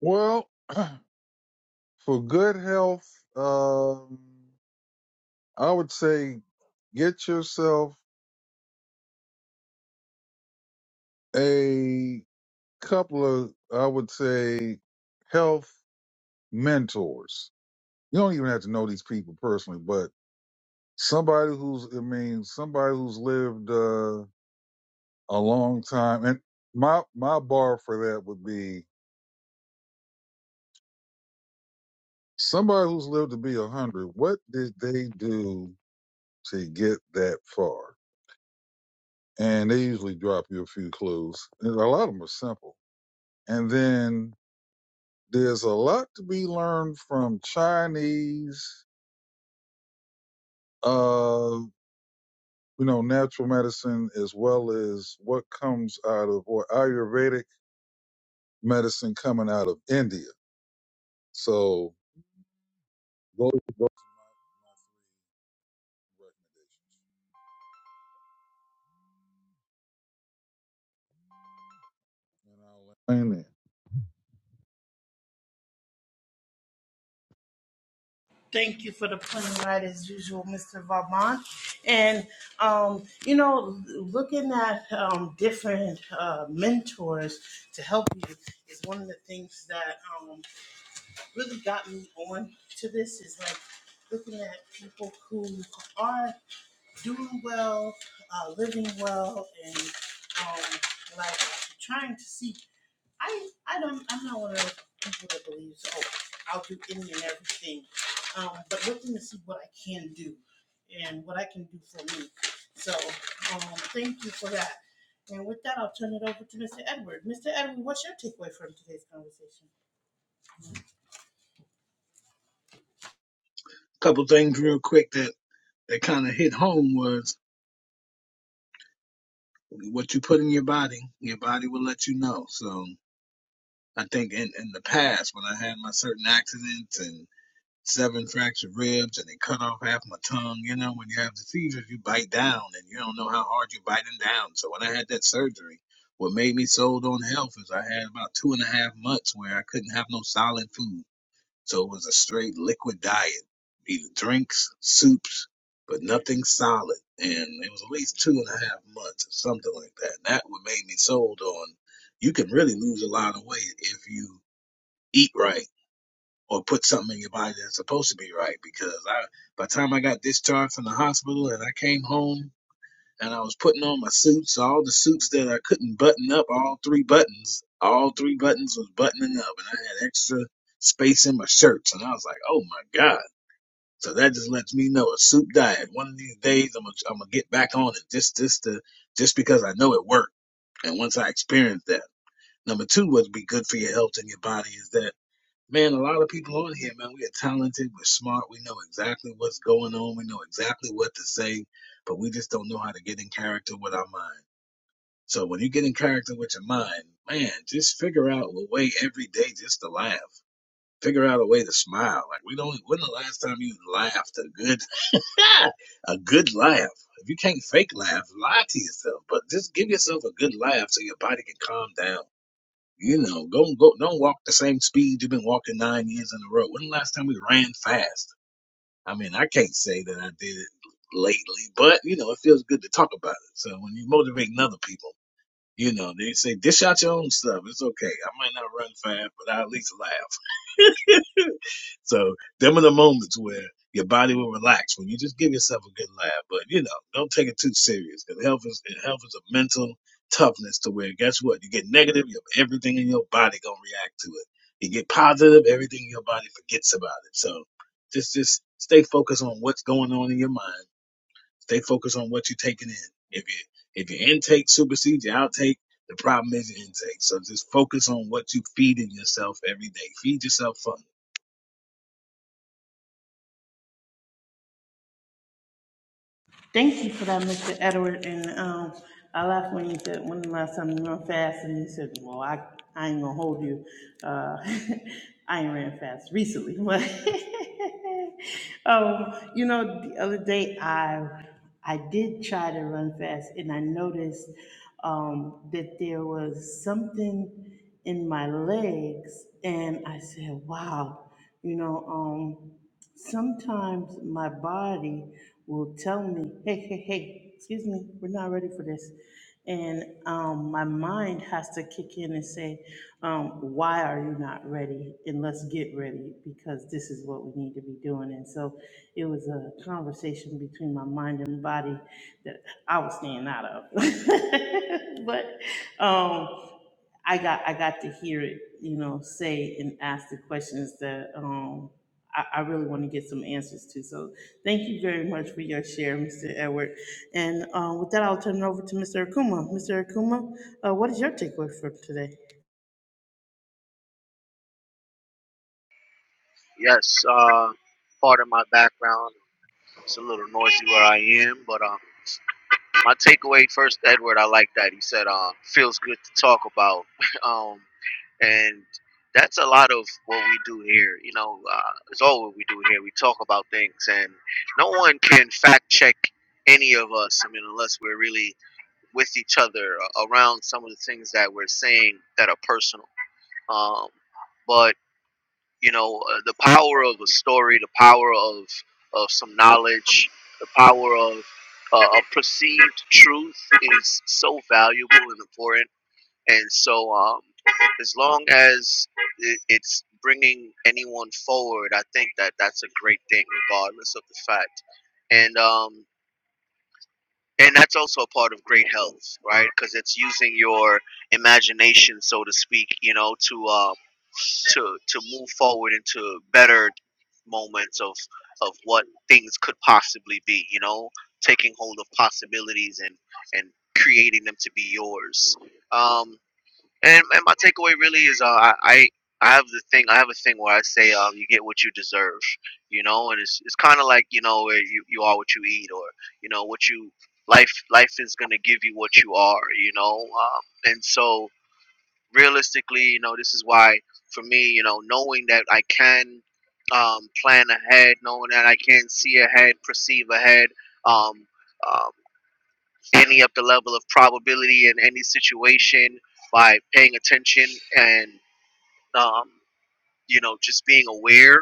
Speaker 2: Well, for good health, um, I would say get yourself a couple of, I would say, health mentors. You don't even have to know these people personally, but somebody who's, I mean, somebody who's lived uh, a long time. And my my bar for that would be Somebody who's lived to be a hundred, what did they do to get that far? And they usually drop you a few clues. And a lot of them are simple. And then there's a lot to be learned from Chinese, uh, you know, natural medicine as well as what comes out of or Ayurvedic medicine coming out of India. So those, those recommendations. And I'll land there.
Speaker 3: couple things real quick that, that kind of hit home was what you put in your body, your body will let you know. So I think in, in the past when I had my certain accidents and. seven fractured ribs and they cut off half my tongue. You know, when you have the seizures, you bite down and you don't know how hard you're biting down. So when I had that surgery, what made me sold on health is I had about two and a half months where I couldn't have no solid food. So it was a straight liquid diet, either drinks, soups, but nothing solid. And it was at least two and a half months or something like that. And that what made me sold on you can really lose a lot of weight if you eat right or put something in your body that's supposed to be right. Because I, by the time I got discharged from the hospital and I came home and I was putting on my suits, all the suits that I couldn't button up, all three buttons, all three buttons was buttoning up, and I had extra space in my shirts, and I was like, oh my god. So that just lets me know a soup diet. One of these days, I'm gonna, I'm gonna get back on it just just to just because I know it worked. And once I experienced that, number two, would be good for your health and your body is that. Man, a lot of people on here, man, we are talented, we're smart, we know exactly what's going on, we know exactly what to say, but we just don't know how to get in character with our mind. So when you get in character with your mind, man, just figure out a way every day just to laugh. Figure out a way to smile. Like we don't when the last time you laughed a good a good laugh. If you can't fake laugh, lie to yourself. But just give yourself a good laugh so your body can calm down you know, don't go, don't walk the same speed you've been walking nine years in a row. When the last time we ran fast? I mean, I can't say that I did it lately, but you know, it feels good to talk about it. So when you motivating other people, you know, they say dish out your own stuff. It's okay. I might not run fast, but I at least laugh. So them are the moments where your body will relax when you just give yourself a good laugh. But you know, don't take it too serious because health is health is a mental toughness to where guess what? You get negative, your everything in your body gonna react to it. You get positive, everything in your body forgets about it. So just just stay focused on what's going on in your mind. Stay focused on what you're taking in. If you if your intake supersedes your outtake, the problem is your intake. So just focus on what you feed in yourself every day. Feed yourself fun
Speaker 5: Yes, uh, part of my background, it's a little noisy where I am, but um. my takeaway first, Edward, I like that. He said, uh, feels good to talk about. um, and that's a lot of what we do here. You know, uh, it's all what we do here. We talk about things, and no one can fact check any of us. I mean, unless we're really with each other uh, around some of the things that we're saying that are personal. Um, but you know uh, the power of a story the power of of some knowledge the power of uh, a perceived truth is so valuable and important and so um as long as i- it's bringing anyone forward i think that that's a great thing regardless of the fact and um and that's also a part of great health right because it's using your imagination so to speak you know to um to to move forward into better moments of of what things could possibly be you know taking hold of possibilities and and creating them to be yours um. And and my takeaway really is uh, I I I have the thing I have a thing where I say um you get what you deserve, you know, and it's it's kind of like you know where you you are what you eat or you know what you life life is gonna give you what you are, you know, um, and so realistically, you know, this is why for me, you know, knowing that I can um, plan ahead, knowing that I can see ahead, perceive ahead. Um, um, any up the level of probability in any situation by paying attention and um, you know just being aware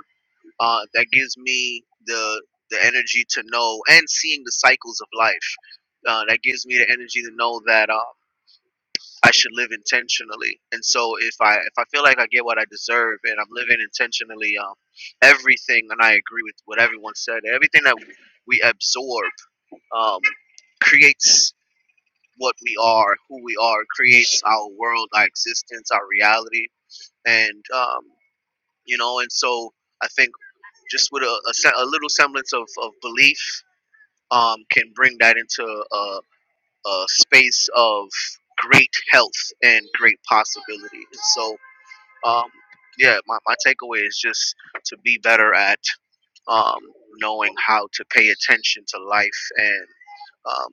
Speaker 5: uh, that gives me the the energy to know and seeing the cycles of life uh, that gives me the energy to know that um, I should live intentionally and so if I if I feel like I get what I deserve and I'm living intentionally um, everything and I agree with what everyone said everything that we absorb um, creates what we are, who we are, It creates our world, our existence, our reality, and um, you know, and so I think just with a, a, se- a little semblance of, of belief um, can bring that into a, a space of great health and great possibility. And so, um, yeah, my, my takeaway is just to be better at um, knowing how to pay attention to life and um,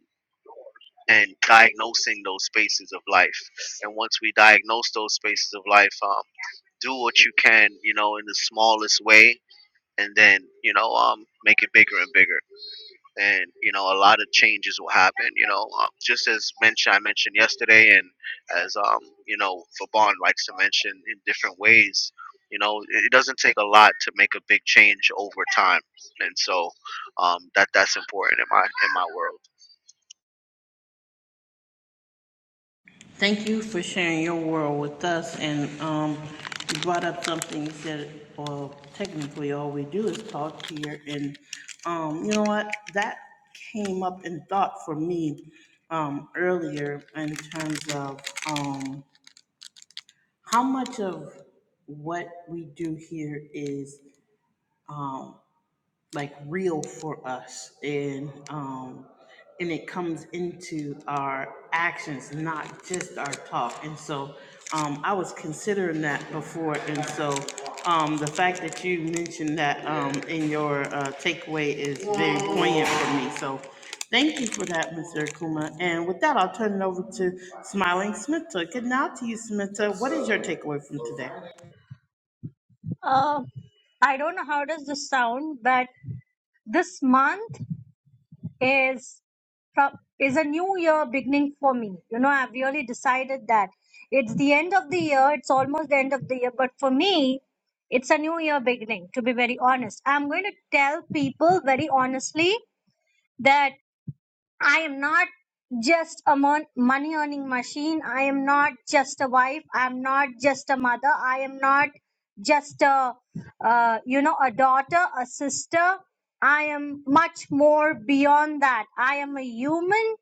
Speaker 5: and diagnosing those spaces of life. And once we diagnose those spaces of life, um, do what you can, you know, in the smallest way, and then you know, um, make it bigger and bigger. And you know, a lot of changes will happen. You know, um, just as mentioned, I mentioned yesterday, and as um, you know, Fabon likes to mention in different ways. You know, it it doesn't take a lot to make a big change over time, and so um, that that's important in my in my world.
Speaker 4: uh, i don't know how does this sound but this month is from is a new year beginning for me you know i've really decided that it's the end of the year it's almost the end of the year but for me it's a new year beginning to be very honest i'm going to tell people very honestly that I am not just a mon- money earning machine. I am not just a wife. I am not just a mother. I am not just a, uh, you know, a daughter, a sister. I am much more beyond that. I am a human.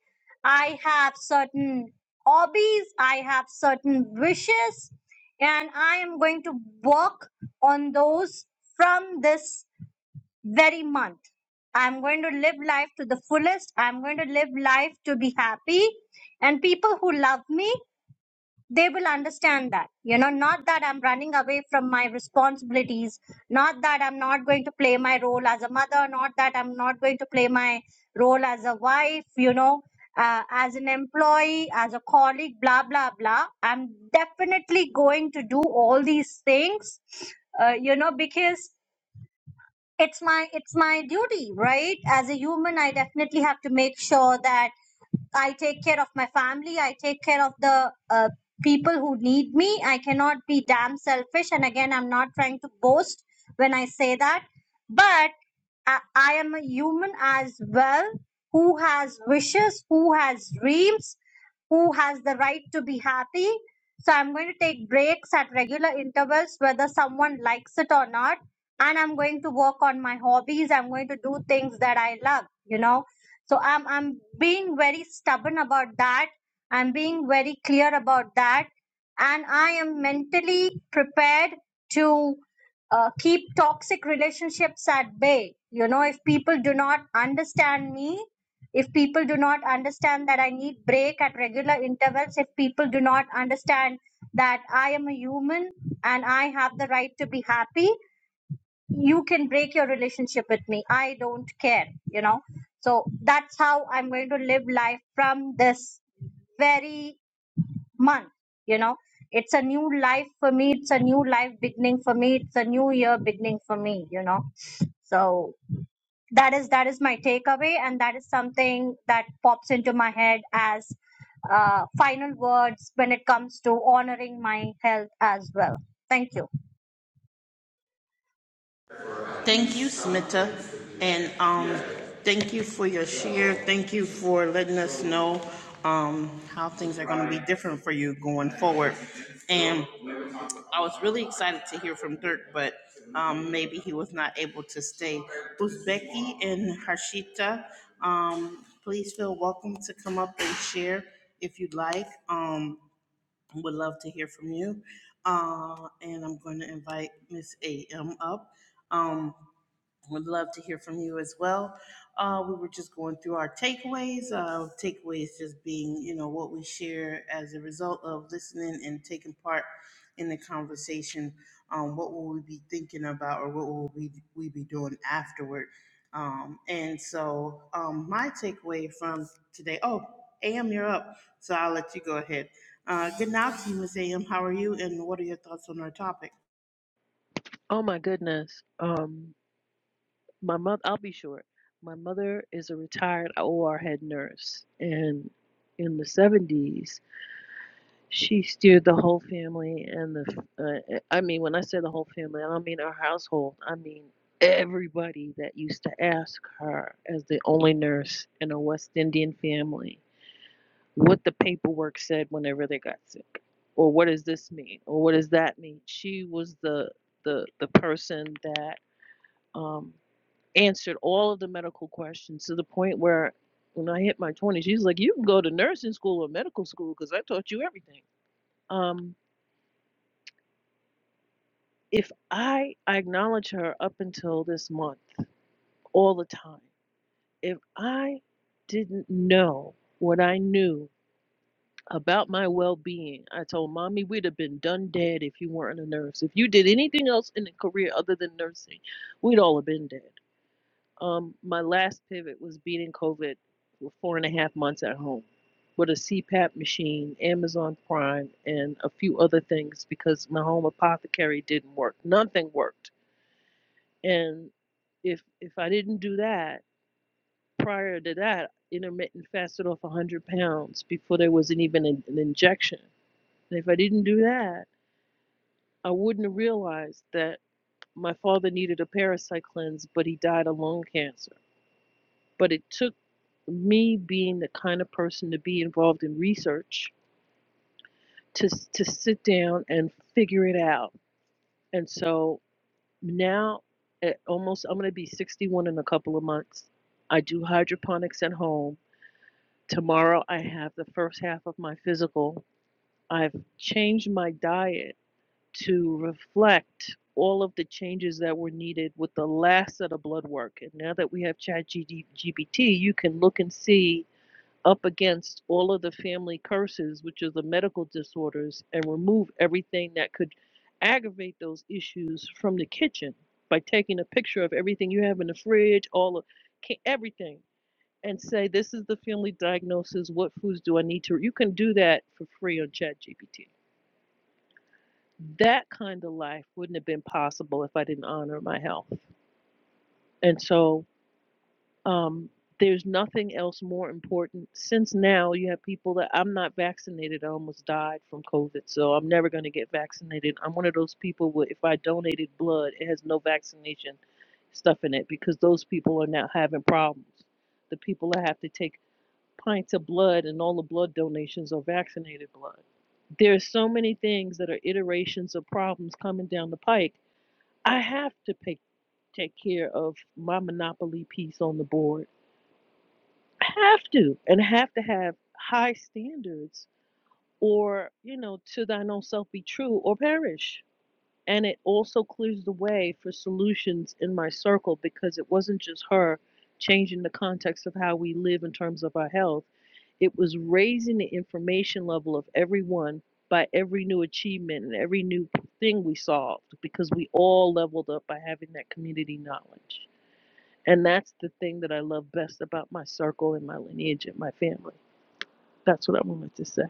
Speaker 4: I have certain hobbies. I have certain wishes. And I am going to work on those from this very month. I'm going to live life to the fullest. I'm going to live life to be happy. And people who love me, they will understand that. You know, not that I'm running away from my responsibilities, not that I'm not going to play my role as a mother, not that I'm not going to play my role as a wife, you know, uh, as an employee, as a colleague, blah, blah, blah. I'm definitely going to do all these things, uh, you know, because it's my it's my duty right as a human i definitely have to make sure that I take care of my family. I take care of the uh, people who need me. I cannot be damn selfish. And again, I'm not trying to boast when I say that. But I, I am a human as well who has wishes, who has dreams, who has the right to be happy. So I'm going to take breaks at regular intervals, whether someone likes it or not. And I'm going to work on my hobbies. I'm going to do things that I love, you know so i'm i'm being very stubborn about that i'm being very clear about that and i am mentally prepared to uh, keep toxic relationships at bay you know if people do not understand me if people do not understand that i need break at regular intervals if people do not understand that i am a human and i have the right to be happy you can break your relationship with me i don't care you know so that's how i'm going to live life from this very month you know it's a new life for me it's a new life beginning for me it's a new year beginning for me you know so that is that is my takeaway and that is something that pops into my head as uh, final words when it comes to honoring my health as well thank you
Speaker 7: Oh my goodness. Um, my mother. I'll be short. My mother is a retired OR head nurse, and in the seventies, she steered the whole family and the. Uh, eh, I mean, when I say the whole family, I don't mean our household. I mean everybody that used to ask her, as the only nurse in a West Indian family, what the paperwork said whenever they got sick, or what does this mean, or what does that mean. She was the the the person that. Um, answered all of the medical questions to the point where when I hit my 20s, she's like, You can go to nursing school or medical school because I taught you everything. Um, if I, I acknowledge her up until this month all the time, if I didn't know what I knew about my well being, I told mommy we'd have been done dead if you weren't a nurse. If you did anything else in a career other than nursing, we'd all have been dead. Um, my last pivot was beating COVID for four and a half months at home with a CPAP machine, Amazon Prime, and a few other things because my home apothecary didn't work. Nothing worked. And if if I didn't do that prior to that, intermittent fasted off 100 pounds before there wasn't even an, an injection. And if I didn't do that, I wouldn't have realized that my father needed a parasite cleanse, but he died of lung cancer. But it took me being the kind of person to be involved in research to to sit down and figure it out and so now at almost i'm going to be 61 in a couple of months i do hydroponics at home tomorrow i have the first half of my physical i've changed my diet to reflect all of the changes that were needed with the last set of blood work and now that we have chat gbt you can look and see up against all of the family curses, which are the medical disorders, and remove everything that could aggravate those issues from the kitchen by taking a picture of everything you have in the fridge, all of ca- everything, and say, This is the family diagnosis. What foods do I need to? You can do that for free on ChatGPT. That kind of life wouldn't have been possible if I didn't honor my health. And so, Um, there's nothing else more important. Since now you have people that I'm not vaccinated, I almost died from COVID, so I'm never going to get vaccinated. I'm one of those people where if I donated blood, it has no vaccination stuff in it because those people are now having problems. The people that have to take pints of blood and all the blood donations are vaccinated blood. There are so many things that are iterations of problems coming down the pike. I have to pay, take care of my monopoly piece on the board have to and have to have high standards or you know to thine own self be true or perish and it also clears the way for solutions in my circle because it wasn't just her changing the context of how we live in terms of our health it was raising the information level of everyone by every new achievement and every new thing we solved because we all leveled up by having that community knowledge and that's the thing that i love best about my circle and my lineage and my family that's what I wanted to say.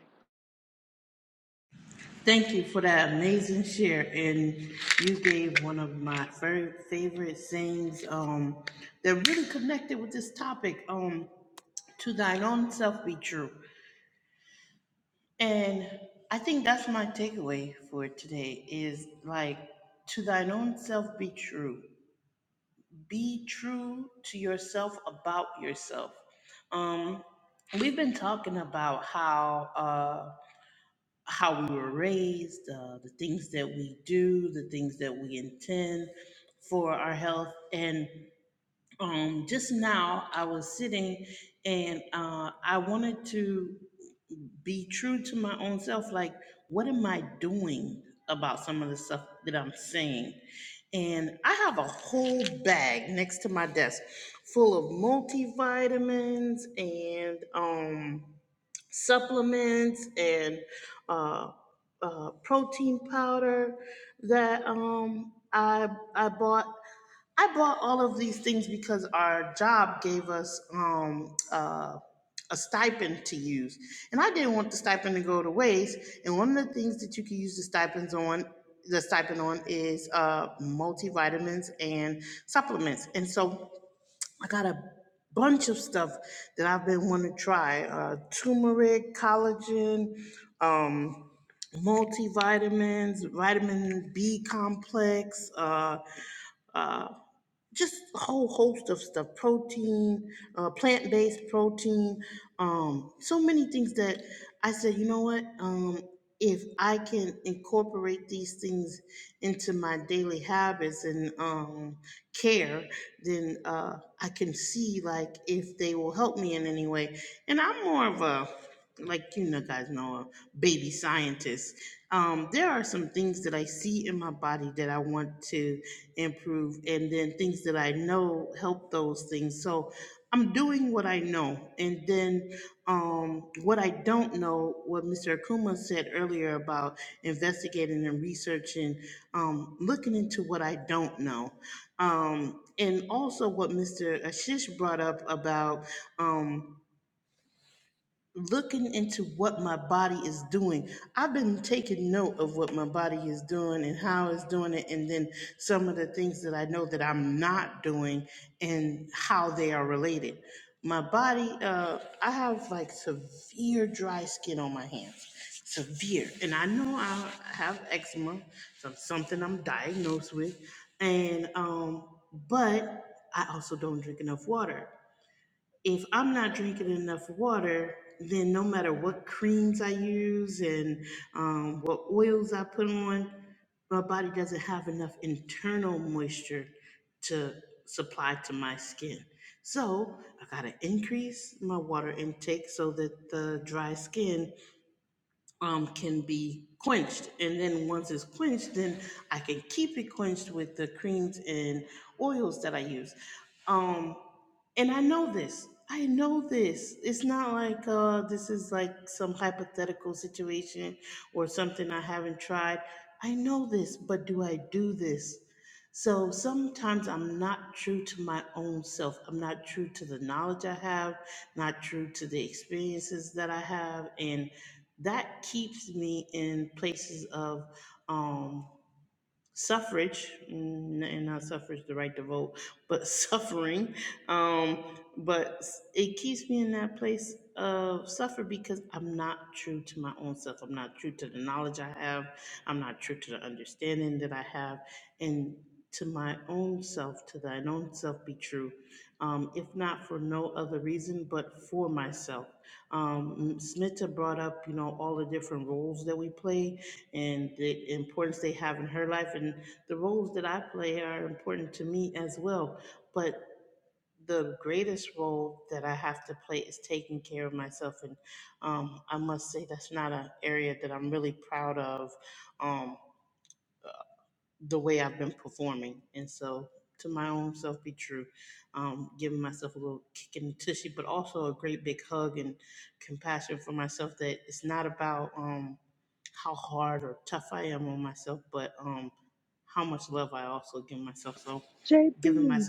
Speaker 7: J B B.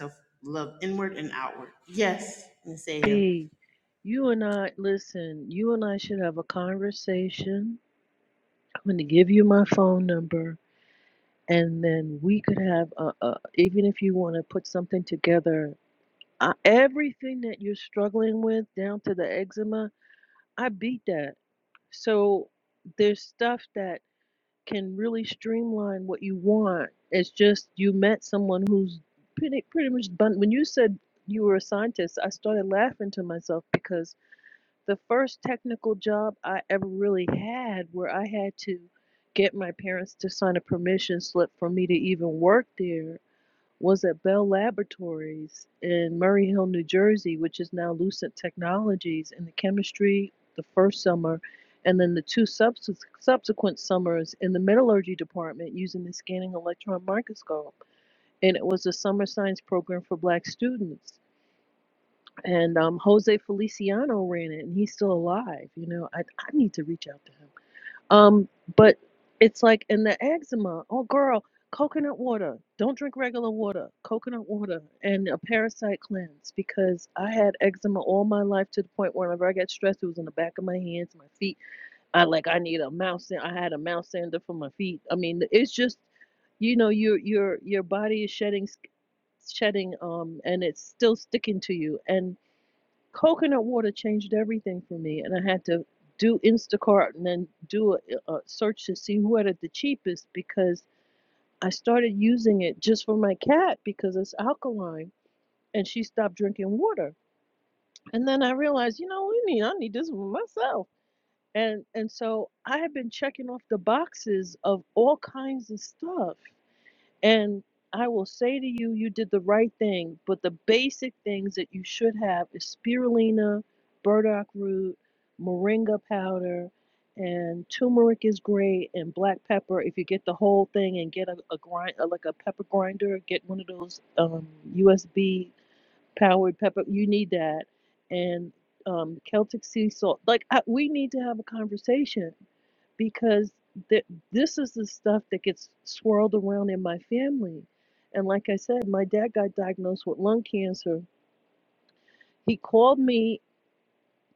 Speaker 7: you and I, listen, you and I should have a conversation. I'm going to give you my phone number, and then we could have, a, a, even if you want to put something together, I, everything that you're struggling with down to the eczema, I beat that. So there's stuff that can really streamline what you want. It's just you met someone who's pretty pretty much bun- when you said you were a scientist, I started laughing to myself because the first technical job I ever really had where I had to get my parents to sign a permission slip for me to even work there was at Bell Laboratories in Murray Hill, New Jersey, which is now Lucent Technologies, in the chemistry the first summer, and then the two subs- subsequent summers in the metallurgy department using the scanning electron microscope. And it was a summer science program for black students. And um, Jose Feliciano ran it, and he's still alive. You know, I, I need to reach out to him. Um, but it's like in the eczema, oh girl, coconut water. Don't drink regular water. Coconut water and a parasite cleanse because I had eczema all my life to the point where whenever I got stressed, it was in the back of my hands, my feet. I like I need a mouse. I had a mouse sander for my feet. I mean, it's just you know your your your body is shedding sk- shedding um and it's still sticking to you and coconut water changed everything for me, and I had to do Instacart and then do a, a search to see who had it the cheapest because I started using it just for my cat because it's alkaline, and she stopped drinking water. And then I realized, you know, we need I need this for myself. And and so I had been checking off the boxes of all kinds of stuff and I will say to you, you did the right thing, but the basic things that you should have is spirulina, burdock root, moringa powder, and turmeric is great, and black pepper. If you get the whole thing and get a, a grind, uh like a pepper grinder, get one of those um, USB powered pepper. You need that, and um, Celtic sea salt. Like I, we need to have a conversation because th- this is the stuff that gets swirled around in my family. And like I said, my dad got diagnosed with lung cancer. He called me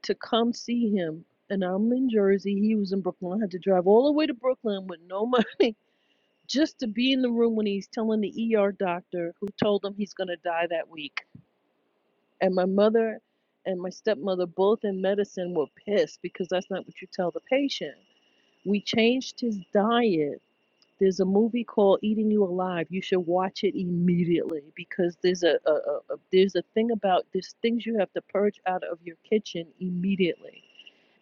Speaker 7: to come see him, and I'm in Jersey. He was in Brooklyn. I had to drive all the way to Brooklyn with no money just to be in the room when he's telling the ER doctor who told him he's going to die that week. And my mother and my stepmother, both in medicine, were pissed because that's not what you tell the patient. We changed his diet There's a movie called Eating You Alive. You should watch it immediately because there's a, a, a a- there's a thing about there's things you have to purge out of your kitchen immediately.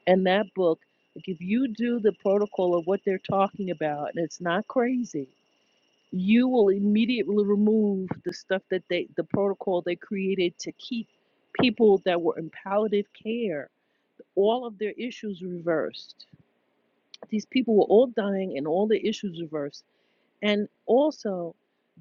Speaker 7: And that book, like if you do the protocol of what they're talking about, and it's not crazy, you will immediately remove the stuff that they the protocol they created to keep people that were in palliative care all of their issues reversed. These people were all dying and all their issues reversed. And also,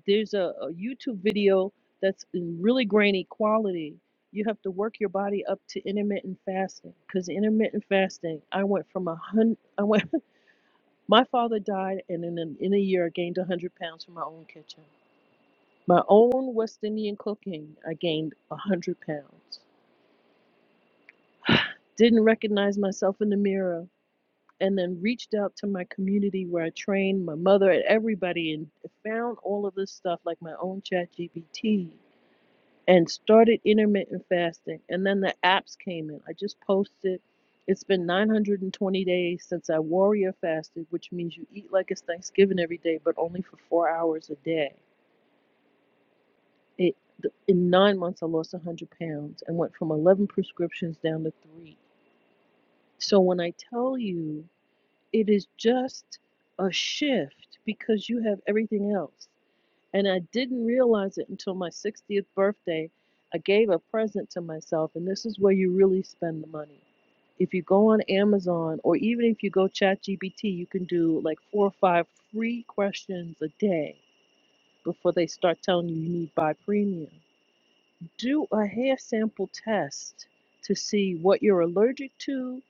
Speaker 7: there's a, a YouTube video that's in really grainy quality. You have to work your body up to intermittent fasting because intermittent fasting. I went from a hundred. I went. My father died, and in a, in a year, I gained a hundred pounds from my own kitchen. My own West Indian cooking. I gained a hundred pounds. Didn't recognize myself in the mirror and then reached out to my community where I trained my mother and everybody and found all of this stuff like my own chat GPT and started intermittent fasting. And then the apps came in. I just posted. It's been 920 days since I warrior fasted, which means you eat like it's Thanksgiving every day, but only for four hours a day. It in nine months I lost 100 pounds and went from 11 prescriptions down to three. So when I tell you It is just a shift because you have everything else. And I didn't realize it until my 60th birthday. I gave a present to myself, and this is where you really spend the money. If you go on Amazon or even if you go ChatGPT, you can do like four or five free questions a day before they start telling you you need to buy premium do a hair sample test to see what you're allergic to,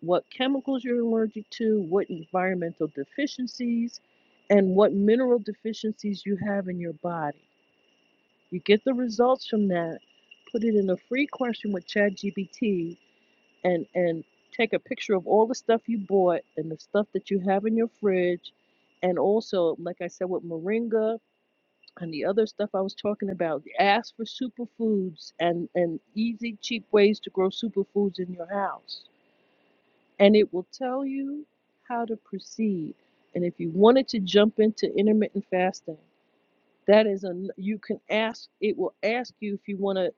Speaker 7: what chemicals you're allergic to, what environmental deficiencies, and what mineral deficiencies you have in your body. You get the results from that, put it in a free question with ChatGPT, and and take a picture of all the stuff you bought and the stuff that you have in your fridge, and also, like I said, with moringa and the other stuff I was talking about. Ask for superfoods and, and easy, cheap ways to grow superfoods in your house. And it will tell you how to proceed. And if you wanted to jump into intermittent fasting, that is a you can ask. It will ask you if you want a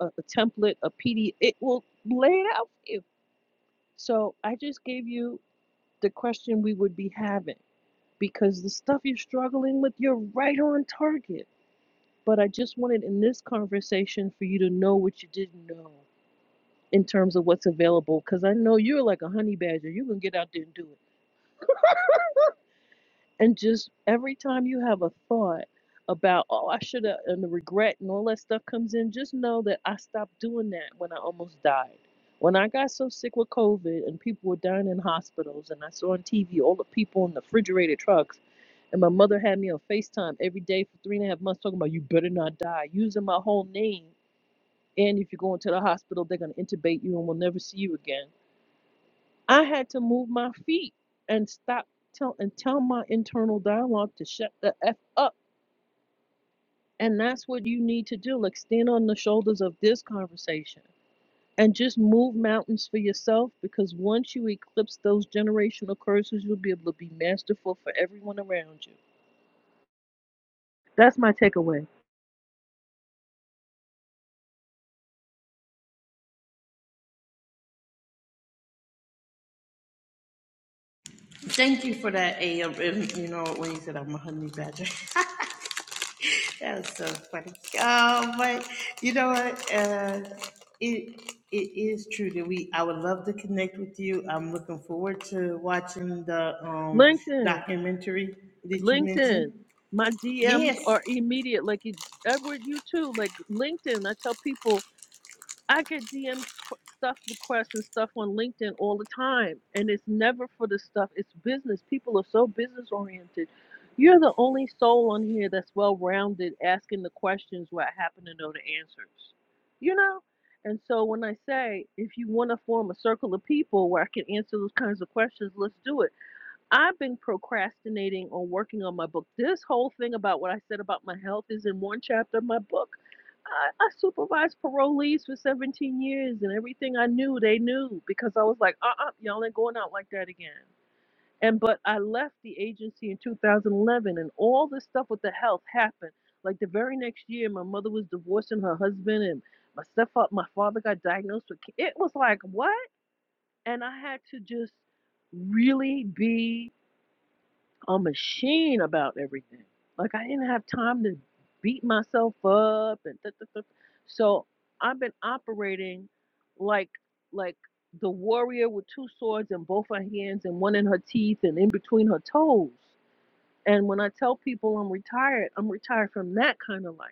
Speaker 7: a, a template, a PD. It will lay it out for you. So I just gave you the question we would be having because the stuff you're struggling with, you're right on target But I just wanted in this conversation for you to know what you didn't know in terms of what's available. Because I know you're like a honey badger. You can get out there and do it. And just every time you have a thought about, oh, I should have, and the regret and all that stuff comes in, just know that I stopped doing that when I almost died. When I got so sick with COVID and people were dying in hospitals, and I saw on TV all the people in the refrigerated trucks and my mother had me on FaceTime every day for three and a half months talking about you better not die, using my whole name And if you go into the hospital, they're going to intubate you and we'll never see you again. I had to move my feet and stop tell and tell my internal dialogue to shut the F up. And that's what you need to do. Like stand on the shoulders of this conversation and just move mountains for yourself because once you eclipse those generational curses, you'll be able to be masterful for everyone around you. That's my takeaway. LinkedIn, LinkedIn, my DMs are immediate. Like e, Edward, you too. Like LinkedIn, I tell people I get DM qu- stuff requests and stuff on LinkedIn all the time, and it's never for the stuff. It's business. People are so business oriented. You're the only soul on here that's well rounded, asking the questions where I happen to know the answers. You know. And so when I say if you want to form a circle of people where I can answer those kinds of questions, let's do it. I've been procrastinating on working on my book. This whole thing about what I said about my health is in one chapter of my book. I, I supervised parolees for 17 years, and everything I knew, they knew because I was like, uh uh you all ain't going out like that again. And but I left the agency in 2011, and all this stuff with the health happened. Like the very next year, my mother was divorcing her husband, and my stepfather, my father got diagnosed with. ca- It was like what? And I had to just really be a machine about everything. Like I didn't have time to beat myself up and th- th- th- so I've been operating like like the warrior with two swords in both her hands and one in her teeth and in between her toes. And when I tell people I'm retired, I'm retired from that kind of life.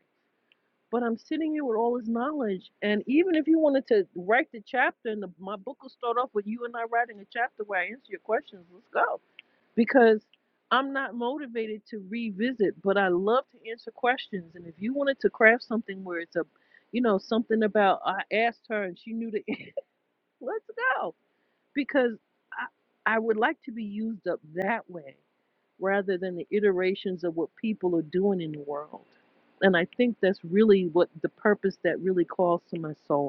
Speaker 7: But I'm sitting here with all this knowledge. And even if you wanted to write the chapter, and the, my book will start off with you and I writing a chapter where I answer your questions, let's go because I'm not motivated to revisit, but I love to answer questions. And if you wanted to craft something where it's a, you know, something about I asked her and she knew the, answer, let's go because I I would like to be used up that way rather than the iterations of what people are doing in the world. And I think that's really what the purpose that really calls to my soul.